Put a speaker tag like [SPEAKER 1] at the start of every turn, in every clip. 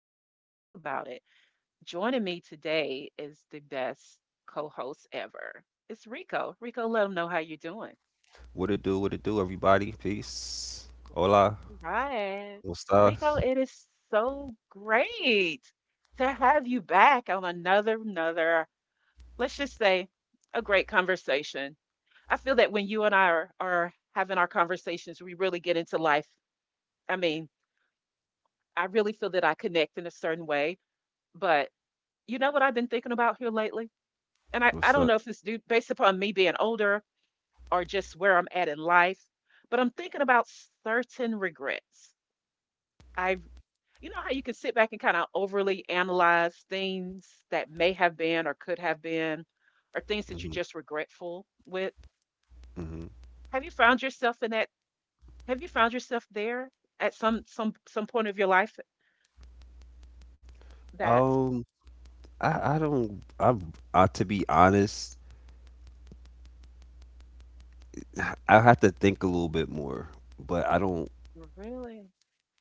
[SPEAKER 1] of Let's Talk About It. Joining me today is the best co-host ever. It's Rico. Rico, let them know how you're doing.
[SPEAKER 2] What it do, everybody. Peace. Hola.
[SPEAKER 1] All right.
[SPEAKER 2] ¿Cómo
[SPEAKER 1] Rico,
[SPEAKER 2] estás?
[SPEAKER 1] it is so great to have you back on another, let's just say a great conversation. I feel that when you and I are having our conversations, we really get into life. I mean, I really feel that I connect in a certain way, but you know what I've been thinking about here lately? And I
[SPEAKER 2] What's
[SPEAKER 1] don't
[SPEAKER 2] that?
[SPEAKER 1] know if it's due based upon me being older or just where I'm at in life, but I'm thinking about certain regrets. I've, you know how you can sit back and kind of overly analyze things that may have been or could have been, or things that you're
[SPEAKER 2] hmm
[SPEAKER 1] just regretful with.
[SPEAKER 2] hmm
[SPEAKER 1] Have you found yourself in that? Have you found yourself there at some point of your life that
[SPEAKER 2] Um, I don't, I'm, I, To be honest, I have to think a little bit more, but I don't,
[SPEAKER 1] really, really?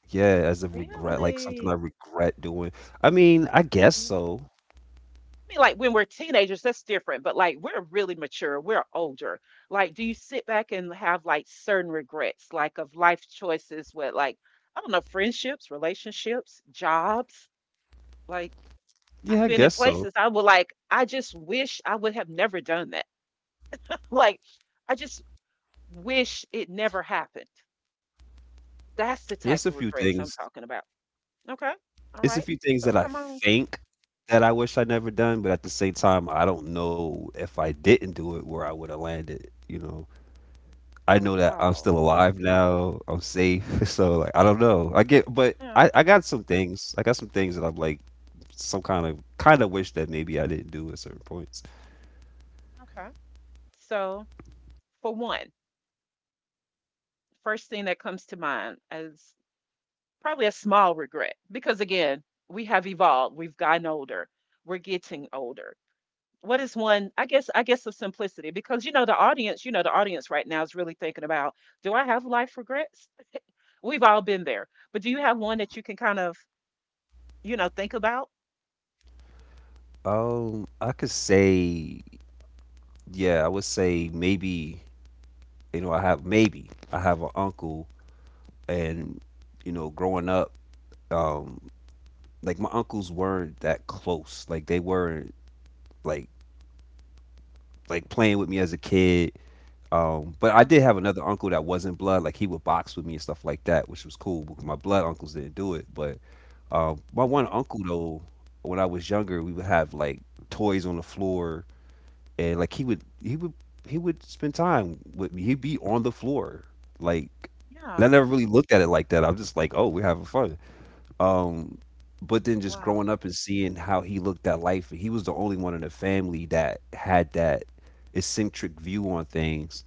[SPEAKER 2] yeah, as a regret, like something I regret doing. I mean, I guess
[SPEAKER 1] Yeah.
[SPEAKER 2] so.
[SPEAKER 1] I mean, like when we're teenagers, that's different, but like we're really mature, we're older. Like, do you sit back and have like certain regrets, like of life choices with like, I don't know, friendships, relationships, jobs? Like, I've
[SPEAKER 2] Yeah, I
[SPEAKER 1] been in
[SPEAKER 2] guess so.
[SPEAKER 1] places I would like, I just wish I would have never done that. Like, I just wish it never happened. That's the
[SPEAKER 2] It's
[SPEAKER 1] type
[SPEAKER 2] a
[SPEAKER 1] of
[SPEAKER 2] few
[SPEAKER 1] regrets I'm
[SPEAKER 2] things.
[SPEAKER 1] talking about. Okay. All
[SPEAKER 2] It's a
[SPEAKER 1] right.
[SPEAKER 2] few things
[SPEAKER 1] So
[SPEAKER 2] that I
[SPEAKER 1] come on.
[SPEAKER 2] think that I wish I never done, but at the same time, I don't know if I didn't do it where I would have landed, you know. I know
[SPEAKER 1] Oh,
[SPEAKER 2] that I'm
[SPEAKER 1] wow.
[SPEAKER 2] still alive now. I'm safe. So like I don't know. I get but
[SPEAKER 1] Yeah.
[SPEAKER 2] I got some things. I got some things that I'm like some kind of wish that maybe I didn't do at certain points.
[SPEAKER 1] Okay. So, for one, first thing that comes to mind is probably a small regret because again, we have evolved, we've gotten older, we're getting older. What is one, I guess of simplicity because you know the audience right now is really thinking about, do I have life regrets? We've all been there. But do you have one that you can kind of, think about?
[SPEAKER 2] I could say yeah, I would say maybe you know, I have maybe I have an uncle and you know, growing up, um like my uncles weren't that close. Like they weren't like like playing with me as a kid. But I
[SPEAKER 1] Yeah.
[SPEAKER 2] did have another uncle that wasn't blood. Like he would box with me and stuff like that, which was cool because my blood uncles didn't do it. But my one
[SPEAKER 1] Okay.
[SPEAKER 2] uncle though, when I was younger, we would have like toys on the floor, and like he would spend time with me. He'd be on the floor, like. And
[SPEAKER 1] Yeah.
[SPEAKER 2] I never really looked at it like that. I'm just like, oh, we're having fun. Um, but then just
[SPEAKER 1] Wow.
[SPEAKER 2] growing up and seeing how he looked at life, he was the only one in the family that had that eccentric view on things,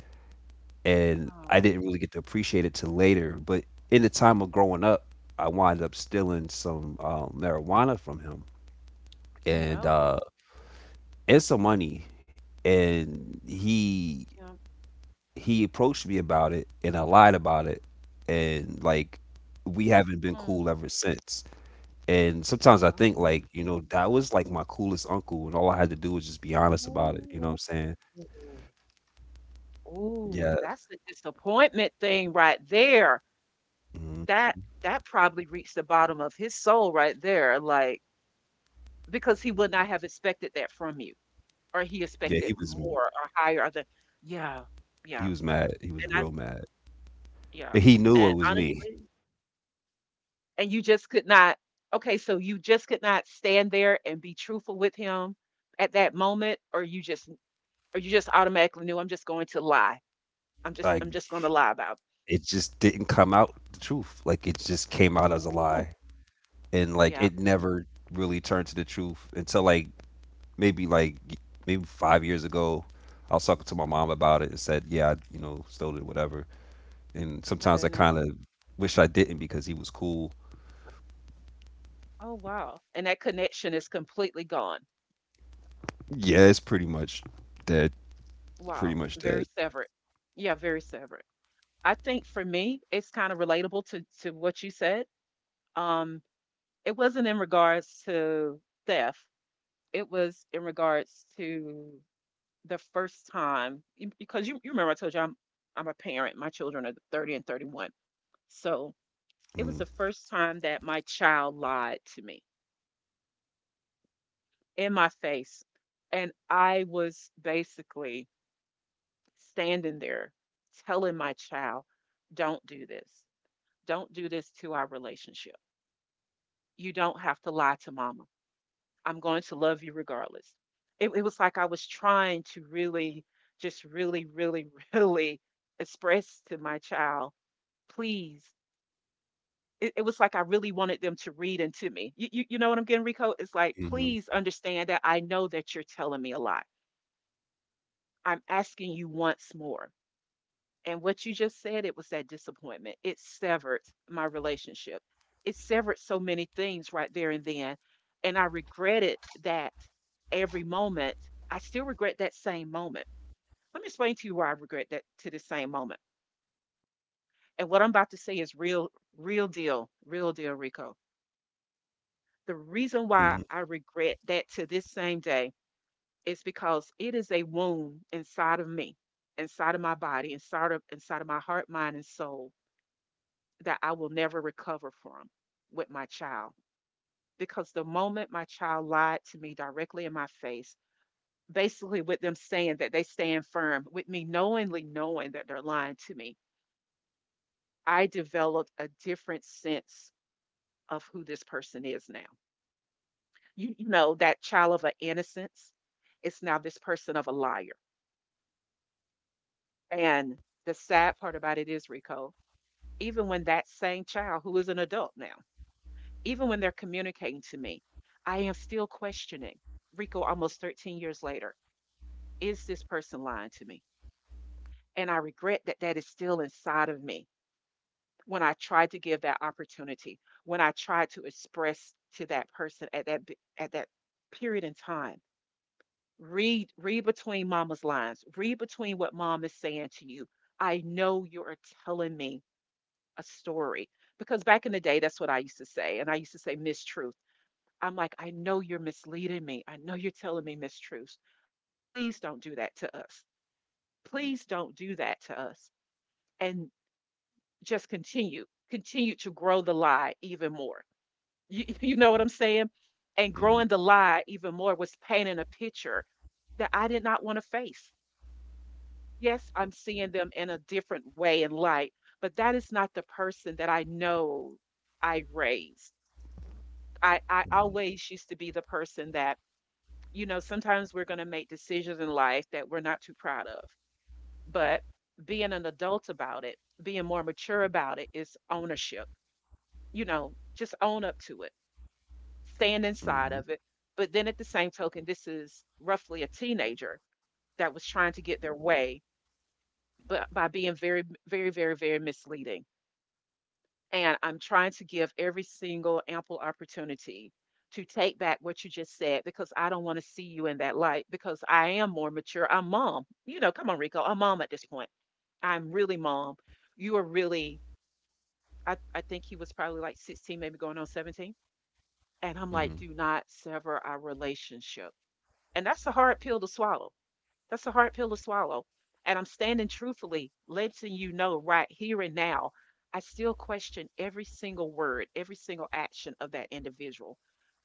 [SPEAKER 2] and I
[SPEAKER 1] Oh,
[SPEAKER 2] didn't really get to appreciate it till later. But in the time of growing up, I wound up stealing some marijuana from him
[SPEAKER 1] oh
[SPEAKER 2] and
[SPEAKER 1] no.
[SPEAKER 2] uh, and some money, and he
[SPEAKER 1] Yeah.
[SPEAKER 2] he approached me about it, and I lied about it, and like we haven't been
[SPEAKER 1] Hmm.
[SPEAKER 2] cool ever since. And sometimes I
[SPEAKER 1] Oh,
[SPEAKER 2] think
[SPEAKER 1] my
[SPEAKER 2] like you know
[SPEAKER 1] goodness.
[SPEAKER 2] that was like my coolest uncle, and all I had to do was just be honest about it. You know what I'm saying?
[SPEAKER 1] Ooh. Ooh,
[SPEAKER 2] Yeah,
[SPEAKER 1] that's a disappointment thing right there.
[SPEAKER 2] mhm.
[SPEAKER 1] That that probably reached the bottom of his soul right there, like because he would not have expected that from you, or he
[SPEAKER 2] Yeah. He
[SPEAKER 1] expected
[SPEAKER 2] was
[SPEAKER 1] more or higher. Or the yeah,
[SPEAKER 2] he
[SPEAKER 1] yeah,
[SPEAKER 2] was mad. He was
[SPEAKER 1] and I
[SPEAKER 2] real mad.
[SPEAKER 1] yeah,
[SPEAKER 2] But he knew
[SPEAKER 1] and
[SPEAKER 2] it was me.
[SPEAKER 1] honestly, and you just could not. Okay, so you just could not stand there and be truthful with him at that moment, or you just automatically knew I'm just going to lie. I'm just
[SPEAKER 2] Like,
[SPEAKER 1] I'm just going to lie about.
[SPEAKER 2] it just didn't come out the truth. Like, it just came out as a
[SPEAKER 1] Ooh,
[SPEAKER 2] lie, and like
[SPEAKER 1] yeah,
[SPEAKER 2] it never really turned to the truth until like maybe like maybe 5 years ago. I was talking to my mom about it and said, "Yeah, I, you know, stole it, whatever." And
[SPEAKER 1] my
[SPEAKER 2] sometimes I kind
[SPEAKER 1] goodness.
[SPEAKER 2] of wish I didn't because he was cool.
[SPEAKER 1] Oh, wow. And that connection is completely gone.
[SPEAKER 2] Yeah, it's pretty much dead. Pretty
[SPEAKER 1] Wow.
[SPEAKER 2] much dead.
[SPEAKER 1] Very severed. Yeah, very severed. I think for me, it's kind of relatable to what you said. Um, it wasn't in regards to theft. It was in regards to the first time because you remember I told you I'm a parent. My children are 30 and 31. So it was
[SPEAKER 2] Mm-hmm.
[SPEAKER 1] the first time that my child lied to me in my face. And I was basically standing there telling my child, don't do this. Don't do this to our relationship. You don't have to lie to mama. I'm going to love you regardless. It was like I was trying to really, just really, really, really express to my child, please. It was like I really wanted them to read into me. You know what I'm getting, Rico? It's like,
[SPEAKER 2] Mm-hmm.
[SPEAKER 1] please understand that I know that you're telling me a lot. I'm asking you once more. And what you just said, it was that disappointment. It severed my relationship. It severed so many things right there and then. And I regretted that every moment. I still regret that same moment. Let me explain to you why I regret that to the same moment. And what I'm about to say is real, real deal, Rico. The reason why
[SPEAKER 2] Mm-hmm.
[SPEAKER 1] I regret that to this same day is because it is a wound inside of me, inside of my body, inside of my heart, mind, and soul that I will never recover from with my child. Because the moment my child lied to me directly in my face, basically with them saying that they stand firm, with me knowingly knowing that they're lying to me, I developed a different sense of who this person is now. You know, that child of an innocence is now this person of a liar. And the sad part about it is, Rico, even when that same child who is an adult now. Even when they're communicating to me, I am still questioning Rico almost 13 years later, is this person lying to me? And I regret that that is still inside of me when I tried to give that opportunity, when I tried to express to that person at that period in time. Read between mama's lines. Read between what mom is saying to you. I know you are telling me a story because back in the day that's what I used to say and I used to say mistruth. I'm like, I know you're misleading me. I know you're telling me mistruths. Please don't do that to us. Please don't do that to us. And just continue to grow the lie even more. You, you know what I'm saying? And
[SPEAKER 2] Mm-hmm.
[SPEAKER 1] growing the
[SPEAKER 2] Mm-hmm.
[SPEAKER 1] lie even more was painting a picture that I did not want to face. Yes, I'm seeing them in a different way and light, but that is not the person that I know I raised. I
[SPEAKER 2] Mm-hmm.
[SPEAKER 1] always used to be the person that sometimes we're going to make decisions in life that we're not too proud of. But being an adult about it, being more mature about it is ownership. You know, just own up to it, stand inside of
[SPEAKER 2] Mm-hmm.
[SPEAKER 1] it. But then at the same token, this is roughly a teenager that was trying to get their way, but by being very, very, very, very misleading. And I'm trying to give every single ample opportunity to take back what you just said because I don't want to see you in that light because I am more mature. I'm mom. You know, come on, Rico. I'm mom at this point. I'm really mom. You are really. I think he was probably like 16, maybe going on 17. And I'm like,
[SPEAKER 2] Mm-hmm.
[SPEAKER 1] do not sever our relationship. And that's a hard pill to swallow. That's a hard pill to swallow. And I'm standing truthfully, letting you know right here and now, I still question every single word, every single action of that individual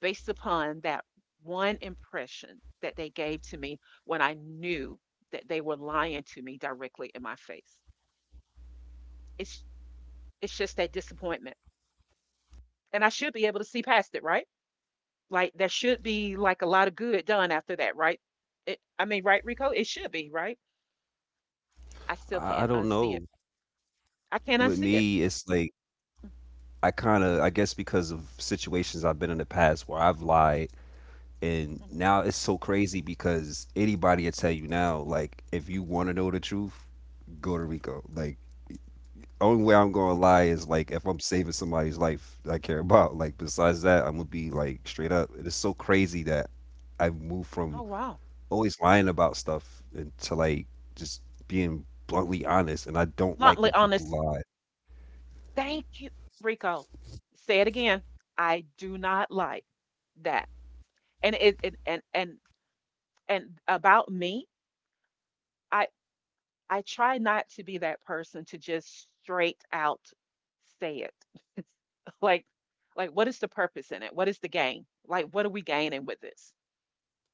[SPEAKER 1] based upon that one impression that they gave to me when I knew that they were lying to me directly in my face. It's it's just that disappointment. And I should be able to see past it, right? Like there should be like a lot of good done after that, right? It, I mean, right, Rico? It should be, right? I still
[SPEAKER 2] I
[SPEAKER 1] can't
[SPEAKER 2] don't
[SPEAKER 1] unsee it.
[SPEAKER 2] know.
[SPEAKER 1] I can't
[SPEAKER 2] With
[SPEAKER 1] unsee it.
[SPEAKER 2] me, it's like I kind of, I guess, because of situations I've been in the past where I've lied, and
[SPEAKER 1] Mhm,
[SPEAKER 2] now it's so crazy because anybody will tell you now, like, if you want to know the truth, go to Rico. Like, only way I'm gonna
[SPEAKER 1] that's
[SPEAKER 2] lie
[SPEAKER 1] true.
[SPEAKER 2] is like if I'm saving somebody's life that I care about. Like, besides that, I'm gonna be like straight up. It is so crazy that I've moved from
[SPEAKER 1] Oh, wow.
[SPEAKER 2] always lying about stuff and to like just being bluntly honest, and I don't like
[SPEAKER 1] Bluntly
[SPEAKER 2] when people
[SPEAKER 1] honest.
[SPEAKER 2] lie.
[SPEAKER 1] Thank you, Rico. Say it again. I do not like that. And it and about me, I I try not to be that person to just straight out say it. like like what is the purpose in it? What is the gain? Like what are we gaining with this?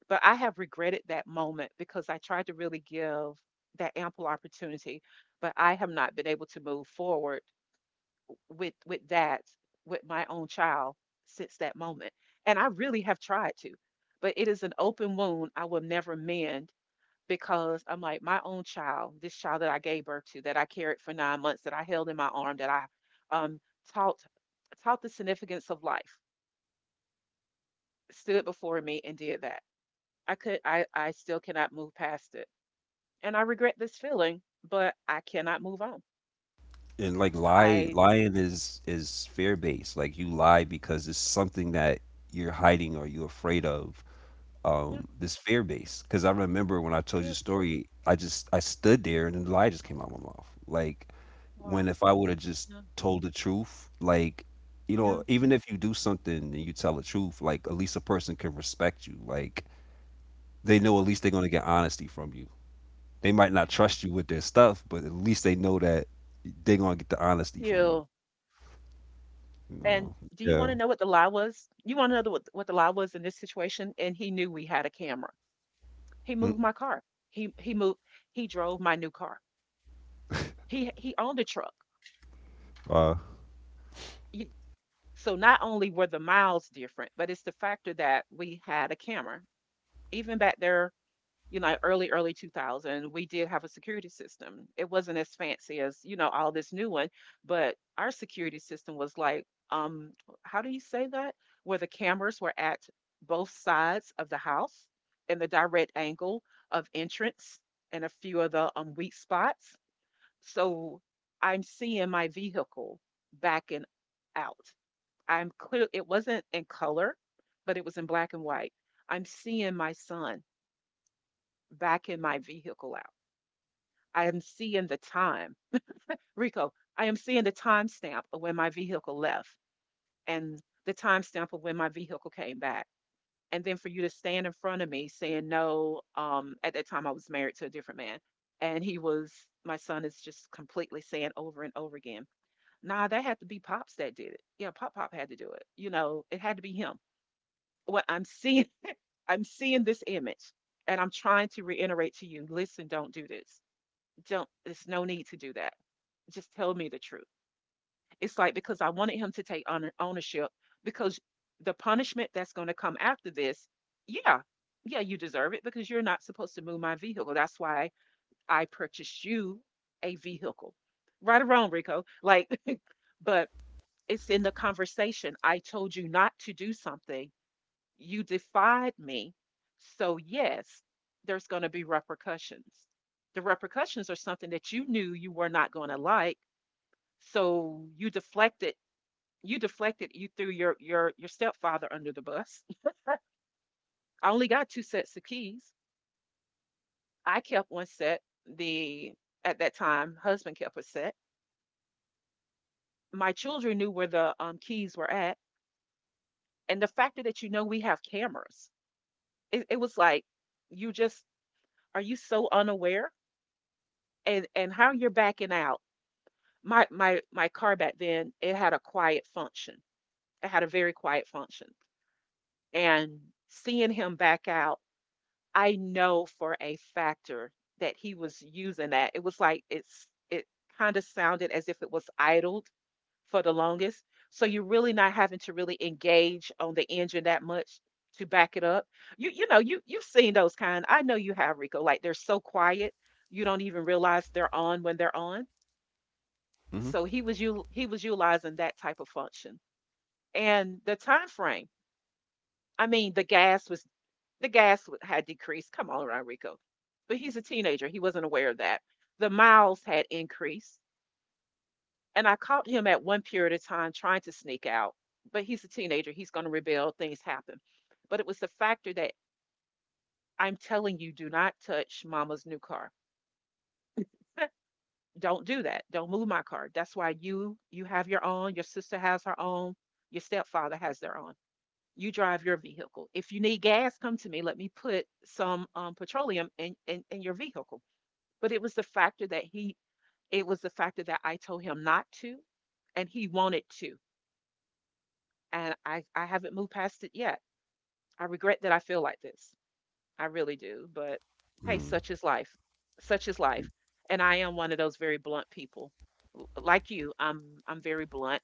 [SPEAKER 1] But I have regretted that moment because I tried to really give that ample opportunity, but I have not been able to move forward with with dads with my own child since that moment, and I really have tried to, but it is an open wound I will never mend. Because I'm like my own child, this child that I gave birth to, that I carried for 9 months, that I held in my arm, that I um, taught taught the significance of life, stood before me and did that. I could i i still cannot move past it, and I regret this feeling, but I cannot move on.
[SPEAKER 2] And like lie
[SPEAKER 1] i
[SPEAKER 2] lying is fear based, like you lie because it's something that you're hiding or you're afraid of.
[SPEAKER 1] yeah
[SPEAKER 2] This fear based because I remember when I
[SPEAKER 1] it
[SPEAKER 2] told you the
[SPEAKER 1] is.
[SPEAKER 2] story, I stood there and the lie just came out of my mouth, like
[SPEAKER 1] Wow.
[SPEAKER 2] when if I would have just
[SPEAKER 1] Yeah,
[SPEAKER 2] told the truth, like you
[SPEAKER 1] yeah,
[SPEAKER 2] know even if you do something and you tell the truth, like at least a person can respect you, like they know at
[SPEAKER 1] yeah.
[SPEAKER 2] least they're going to get honesty from you. They might not
[SPEAKER 1] Thank you,
[SPEAKER 2] trust you
[SPEAKER 1] thank
[SPEAKER 2] with their stuff, but at least they know that they're going to get the honesty from you.
[SPEAKER 1] you.
[SPEAKER 2] No.
[SPEAKER 1] And do you
[SPEAKER 2] Yeah.
[SPEAKER 1] want to know what the lie was? You want to know what the lie was in this situation? And he knew we had a camera. He
[SPEAKER 2] Mm.
[SPEAKER 1] moved my car. He moved. He drove my new car. He owned a truck.
[SPEAKER 2] Wow.
[SPEAKER 1] You- so not only were the miles different, but it's the factor that we had a camera. Even back there, early, early 2000, we did have a security system. It wasn't as fancy as, all this new one, but our security system was like, um, how do you say that? Where the cameras were at both sides of the house in the direct angle of entrance and a few of the weak spots. So I'm seeing my vehicle backing out. I'm clear, it wasn't in color, but it was in black and white. I'm seeing my son back in my vehicle out. I am seeing the time. Rico, I am seeing the timestamp of when my vehicle left and the timestamp of when my vehicle came back. And then for you to stand in front of me saying no, at that time I was married to a different man. And he was, my son is just completely saying over and over again, nah, that had to be Pops that did it. Yeah, Pop Pop had to do it. You know, it had to be him. What I'm seeing this image, and I'm trying to reiterate to you, listen, don't do this, don't there's no need to do that. Just tell me the truth. It's like because I wanted him to take on ownership because the punishment that's going to come after this, yeah, yeah, you deserve it because you're not supposed to move my vehicle. That's why I purchased you a vehicle. Right or wrong, Rico. Like, but it's in the conversation. I told you not to do something, you defied me. So, yes, there's going to be repercussions. The repercussions are something that you knew you were not going to like. So you deflected, you deflected, you threw your stepfather under the bus. I only got two sets of keys. I kept one set. The at that time husband kept a set. My children knew where the keys were at, and the fact that you know we have cameras, it was like you just, are you so unaware? And how you're backing out, my car back then, it had a quiet function, it had a very quiet function. And seeing him back out, I know for a factor that he was using that. It was like it kind of sounded as if it was idled for the longest, so you're really not having to really engage on the engine that much to back it up. You know, you've seen those kind. I know you have, Rico. Like, they're so quiet, you don't even realize they're on when they're on.
[SPEAKER 2] hmm
[SPEAKER 1] So he was utilizing that type of function. And the time frame, I mean, the gas was, had decreased. Come on, Rico. But he's a teenager, he wasn't aware of that. The miles had increased, and I caught him at one period of time trying to sneak out. But he's a teenager, he's going to rebel, things happen. But it was the factor that I'm telling you, do not touch mama's new car. Don't do that, don't move my car. That's why you have your own, your sister has her own, your stepfather has their own. You drive your vehicle. If you need gas, come to me. Let me put some petroleum in your vehicle. But it was the factor that he, it was the factor that I told him not to, and he wanted to. And I haven't moved past it yet. I regret that I feel like this. I really do. But hey,
[SPEAKER 2] Mm.
[SPEAKER 1] such is life. Such is life. And I am one of those very blunt people. Like you, I'm very blunt.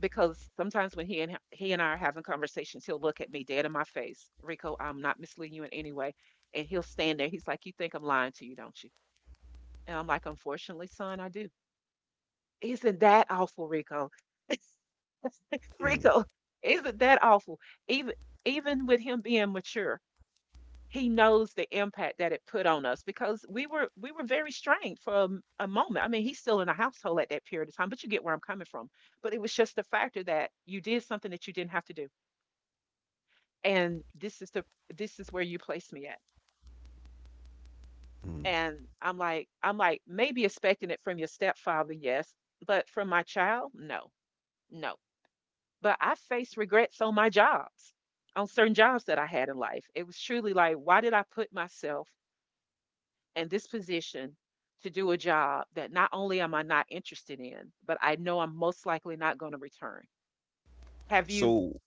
[SPEAKER 1] Because sometimes when he and I are having conversations, he'll look at me dead in my face, Rico. I'm not misleading you in any way, and he'll stand there. He's like, "You think I'm lying to you, don't you?" And I'm like, "Unfortunately, son, I do." Isn't that awful, Rico?
[SPEAKER 2] Mm.
[SPEAKER 1] Rico, isn't that awful? Even Even with him being mature, he knows the impact that it put on us, because we were very strained for a moment. I mean, he's still in the household at that period of time, but you get where I'm coming from. But it was just the factor that you did something that you didn't have to do, and this is the, this is where you place me at.
[SPEAKER 2] Mm.
[SPEAKER 1] And I'm like, maybe expecting it from your stepfather, yes, but from my child, no, no. But I faced regrets on my jobs, on certain jobs that I had in life. It was truly like, why did I put myself in this position to do a job that not only am I not interested in, but I know I'm most likely not going to return? Have you?
[SPEAKER 2] So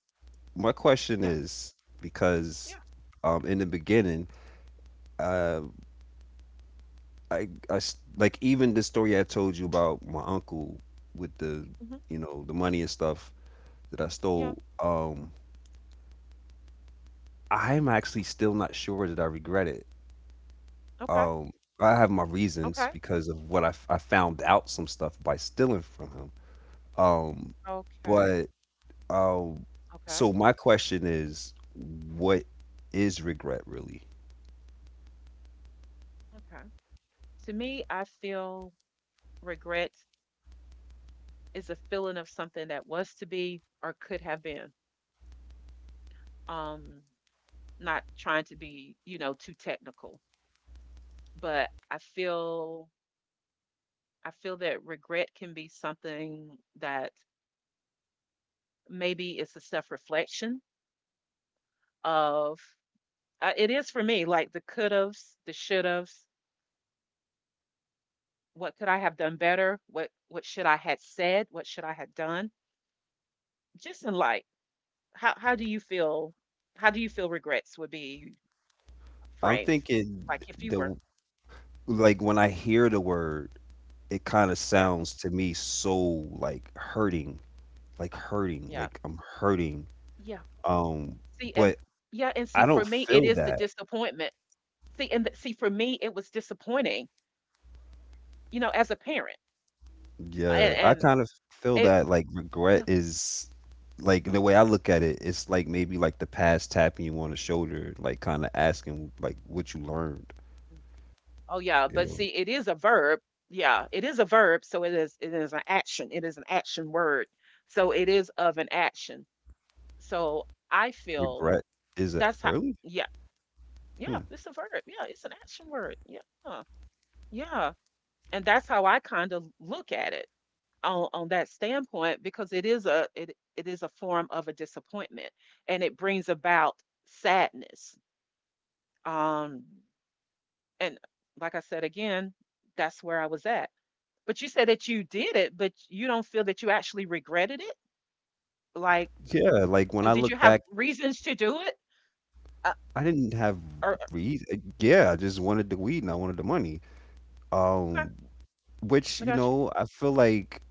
[SPEAKER 2] my question
[SPEAKER 1] Yeah,
[SPEAKER 2] is because
[SPEAKER 1] yeah.
[SPEAKER 2] in the beginning, uh, like even the story I told you about my uncle with the
[SPEAKER 1] Hmm,
[SPEAKER 2] you know the money and stuff that I
[SPEAKER 1] yeah.
[SPEAKER 2] stole. I'm actually still not sure that I regret it.
[SPEAKER 1] Okay,
[SPEAKER 2] Um, I have my reasons
[SPEAKER 1] okay,
[SPEAKER 2] because of what I found out some stuff by stealing from him. Um,
[SPEAKER 1] okay,
[SPEAKER 2] but Um,
[SPEAKER 1] okay,
[SPEAKER 2] so my question is, what is regret really?
[SPEAKER 1] okay. To me, I feel regret is a feeling of something that was to be or could have been. Um, Not trying to be, you know, too technical, but I feel that regret can be something that maybe it's a self-reflection of, it is for me like the could-haves, the should-haves, what could I have done better? What should I had said? What should I have done? Just in like, how do you feel, how do you feel regrets would be
[SPEAKER 2] I'm
[SPEAKER 1] framed.
[SPEAKER 2] thinking
[SPEAKER 1] Like, if you were,
[SPEAKER 2] the like when I hear the word, it kind of
[SPEAKER 1] yeah,
[SPEAKER 2] sounds to me so like hurting, like hurting,
[SPEAKER 1] yeah,
[SPEAKER 2] like I'm hurting.
[SPEAKER 1] yeah.
[SPEAKER 2] Um,
[SPEAKER 1] See, and
[SPEAKER 2] but
[SPEAKER 1] yeah, and see,
[SPEAKER 2] I
[SPEAKER 1] for
[SPEAKER 2] don't
[SPEAKER 1] me, it
[SPEAKER 2] feel
[SPEAKER 1] is the
[SPEAKER 2] that.
[SPEAKER 1] disappointment. See, and th see, for me, it was disappointing, you know, as a parent, and
[SPEAKER 2] Yeah, I
[SPEAKER 1] and
[SPEAKER 2] kind of feel
[SPEAKER 1] it,
[SPEAKER 2] that like regret
[SPEAKER 1] yeah.
[SPEAKER 2] is like the way I look at it, it's like maybe like the past tapping you on the shoulder, like kind of asking like what you learned,
[SPEAKER 1] Oh, yeah,
[SPEAKER 2] you
[SPEAKER 1] but
[SPEAKER 2] know?
[SPEAKER 1] see, it is a verb. Yeah, it is a verb, so it is an action. It is an action word, so it is of an action. So, I feel
[SPEAKER 2] Regret is it
[SPEAKER 1] that's how.
[SPEAKER 2] really?
[SPEAKER 1] Yeah, yeah,
[SPEAKER 2] Hmm.
[SPEAKER 1] it's a verb. Yeah, it's an action word. Yeah, huh, yeah, and that's how I kinda look at it. On that standpoint, because it is a, it is a form of a disappointment, and it brings about sadness. um and like I said again, that's where I was at. But you said that you did it, but you don't feel that you actually regretted it. Like,
[SPEAKER 2] Yeah, like, when
[SPEAKER 1] so
[SPEAKER 2] I
[SPEAKER 1] did you
[SPEAKER 2] look
[SPEAKER 1] have
[SPEAKER 2] back,
[SPEAKER 1] reasons to do it? uh,
[SPEAKER 2] I didn't have
[SPEAKER 1] or
[SPEAKER 2] reas yeah, I just wanted the weed and I wanted the money,
[SPEAKER 1] okay,
[SPEAKER 2] um, which,
[SPEAKER 1] I
[SPEAKER 2] you
[SPEAKER 1] got you.
[SPEAKER 2] know, I feel like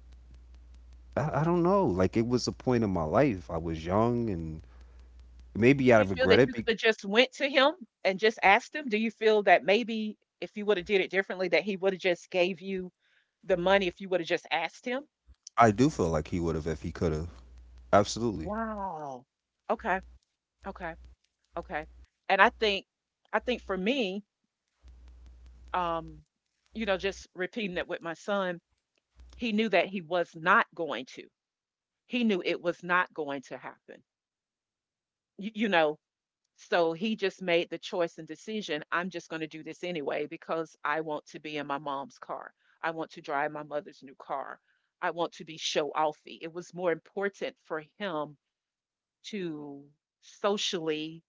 [SPEAKER 2] I don't know, like, it was a point in my life, I was young, and maybe I
[SPEAKER 1] Do you feel
[SPEAKER 2] regret
[SPEAKER 1] that
[SPEAKER 2] it
[SPEAKER 1] you
[SPEAKER 2] be
[SPEAKER 1] could have just went to him and just asked him, do you feel that maybe if you would have did it differently, that he would have just gave you the money if you would have just asked him?
[SPEAKER 2] I do feel like he would've if he could've, absolutely.
[SPEAKER 1] Wow. Okay, okay, okay. And I think, I think for me, um, you know, just repeating it with my son, he knew that he was not going to. He knew it was not going to happen. You know, so he just made the choice and decision, I'm just going to do this anyway because I want to be in my mom's car. I want to drive my mother's new car. I want to be show offy. It was more important for him to socially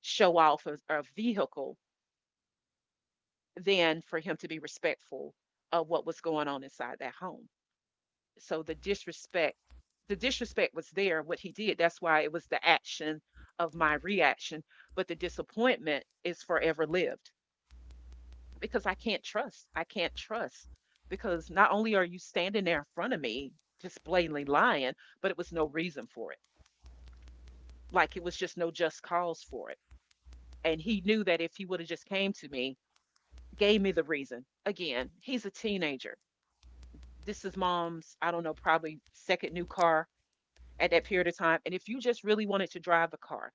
[SPEAKER 1] show off a vehicle than for him to be respectful of what was going on inside that home. So the disrespect was there, what he did. That's why it was the action of my reaction. But the disappointment is forever lived because I can't trust. I can't trust. Because not only are you standing there in front of me just blatantly lying, but it was no reason for it. Like, it was just no just cause for it. And he knew that if he would have just came to me, gave me the reason. Again, he's a teenager. This is mom's, I don't know, probably second new car at that period of time. And if you just really wanted to drive the car,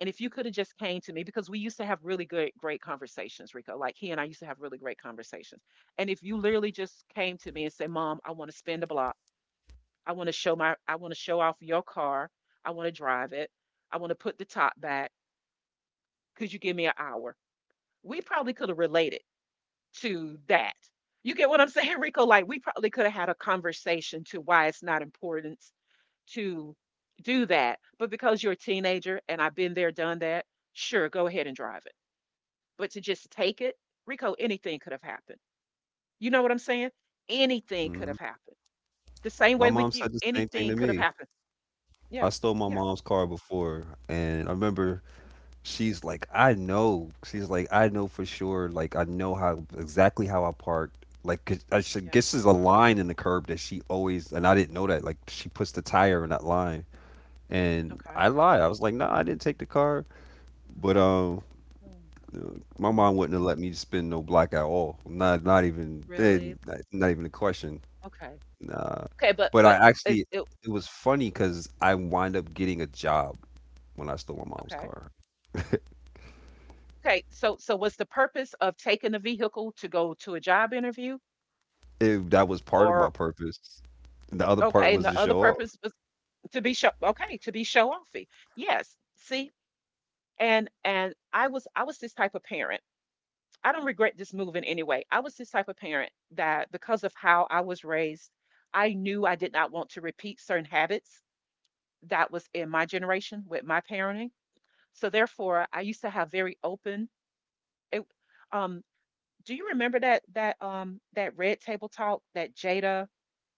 [SPEAKER 1] and if you could have just came to me, because we used to have really good great conversations, Rico. Like, he and I used to have really great conversations. And if you literally just came to me and said, "Mom, I want to spin the block. I want to show my, I want to show off your car. I want to drive it. I want to put the top back. Could you give me an hour?" We probably could have related to that. You get what I'm saying, Rico? Like, we probably could have had a conversation to why it's not important to do that. But because you're a teenager and I've been there, done that, sure, go ahead and drive it. But to just take it, Rico, anything could have happened. You know what I'm saying? Anything could
[SPEAKER 2] Mhm.
[SPEAKER 1] have happened. The same
[SPEAKER 2] My
[SPEAKER 1] way
[SPEAKER 2] mom
[SPEAKER 1] with you.
[SPEAKER 2] said the same thing
[SPEAKER 1] Anything
[SPEAKER 2] to
[SPEAKER 1] could have
[SPEAKER 2] me.
[SPEAKER 1] happened.
[SPEAKER 2] I
[SPEAKER 1] Yeah.
[SPEAKER 2] stole my
[SPEAKER 1] Yeah.
[SPEAKER 2] mom's car before, and I remember
[SPEAKER 1] Yeah.
[SPEAKER 2] she's like, I know. She's like, I know for sure. Like, I know how exactly how I parked. Like, 'cause I should
[SPEAKER 1] Yeah,
[SPEAKER 2] guess there's a line in the curb that she always, and I didn't know that. Like, she puts the tire in that line, and
[SPEAKER 1] okay.
[SPEAKER 2] I lied. I was like, no, nah, I didn't take the car. But
[SPEAKER 1] Mm,
[SPEAKER 2] my
[SPEAKER 1] mm,
[SPEAKER 2] mom wouldn't have let me spin no block at all. Not, not even,
[SPEAKER 1] really?
[SPEAKER 2] then. Not even a question.
[SPEAKER 1] Okay.
[SPEAKER 2] Nah.
[SPEAKER 1] Okay,
[SPEAKER 2] But I
[SPEAKER 1] but is
[SPEAKER 2] actually,
[SPEAKER 1] it
[SPEAKER 2] it was funny because I wind up getting a job when I stole my mom's
[SPEAKER 1] okay?
[SPEAKER 2] car.
[SPEAKER 1] Okay, so so was the purpose of taking the vehicle to go to a job interview
[SPEAKER 2] It that was part of my
[SPEAKER 1] or
[SPEAKER 2] purpose. The other part
[SPEAKER 1] okay,
[SPEAKER 2] was
[SPEAKER 1] and
[SPEAKER 2] to
[SPEAKER 1] the other
[SPEAKER 2] show off.
[SPEAKER 1] purpose was to be show, okay, to be show offy. Yes. See? And I was, I was this type of parent. I don't regret this move in any way. I was this type of parent that because of how I was raised, I knew I did not want to repeat certain habits that was in my generation with my parenting. So therefore, I used to have very open it, um do you remember that Red Table Talk that Jada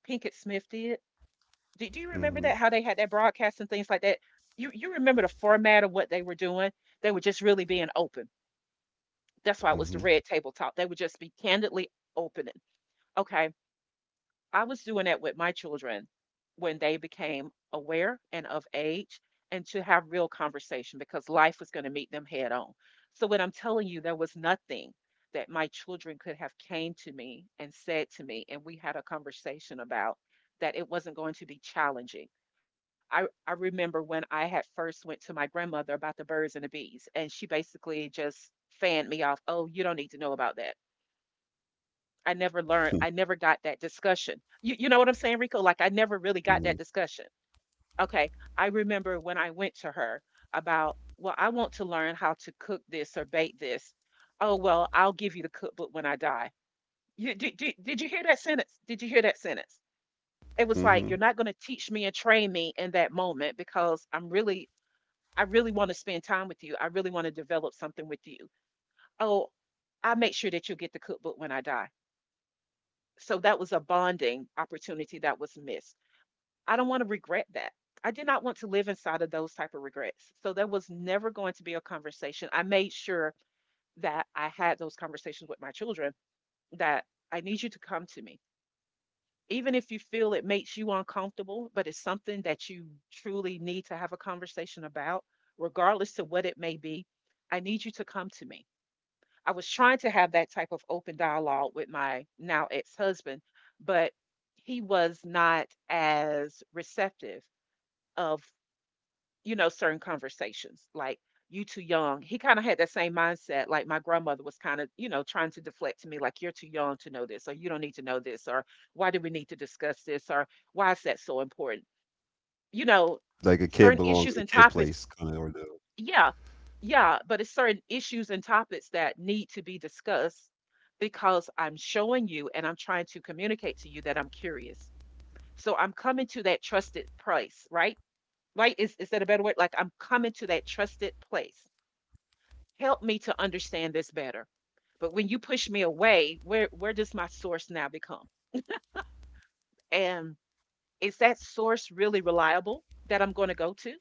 [SPEAKER 1] Pinkett Smith did? Do you remember
[SPEAKER 2] Mhm,
[SPEAKER 1] that, how they had that broadcast and things like that? You remember the format of what they were doing? They were just really being open. That's why it
[SPEAKER 2] mhm,
[SPEAKER 1] was the Red Table Talk. They would just be candidly opening. Okay. I was doing that with my children when they became aware and of age, and to have real conversation because life was going to meet them head on. So when I'm telling you, there was nothing that my children could have came to me and said to me and we had a conversation about that it wasn't going to be challenging. I remember when I had first went to my grandmother about the birds and the bees, and she basically just fanned me off, "Oh, you don't need to know about that." I never learned, I never got that discussion. You know what I'm saying, Rico? Like, I never really got
[SPEAKER 2] mhm,
[SPEAKER 1] that discussion. Okay. I remember when I went to her about, well, I want to learn how to cook this or bake this. Oh, well, I'll give you the cookbook when I die. You, did you hear that sentence? Did you hear that sentence? It was like, you're
[SPEAKER 2] mhm.
[SPEAKER 1] not going to teach me and train me in that moment because I'm really, I really want to spend time with you. I really want to develop something with you. Oh, I'll make sure that you'll get the cookbook when I die. So that was a bonding opportunity that was missed. I don't want to regret that. I did not want to live inside of those type of regrets. So there was never going to be a conversation. I made sure that I had those conversations with my children, that I need you to come to me. Even if you feel it makes you uncomfortable, but it's something that you truly need to have a conversation about, regardless to what it may be, I need you to come to me. I was trying to have that type of open dialogue with my now ex-husband, but he was not as receptive of, you know, certain conversations. Like, you too young. He kind of had that same mindset. Like my grandmother was kind of, you know, trying to deflect to me, like, you're too young to know this, or you don't need to know this, or why do we need to discuss this, or why is that so important? You know,
[SPEAKER 2] Like a kid
[SPEAKER 1] certain
[SPEAKER 2] belongs
[SPEAKER 1] issues
[SPEAKER 2] in a
[SPEAKER 1] and
[SPEAKER 2] kid
[SPEAKER 1] topics,
[SPEAKER 2] place, kind of, or the.
[SPEAKER 1] yeah, yeah, but it's certain issues and topics that need to be discussed because I'm showing you and I'm trying to communicate to you that I'm curious. So I'm coming to that trusted place, right? Right? Is that a better word? Like, I'm coming to that trusted place. Help me to understand this better. But when you push me away, where does my source now become? And is that source really reliable that I'm going to go to?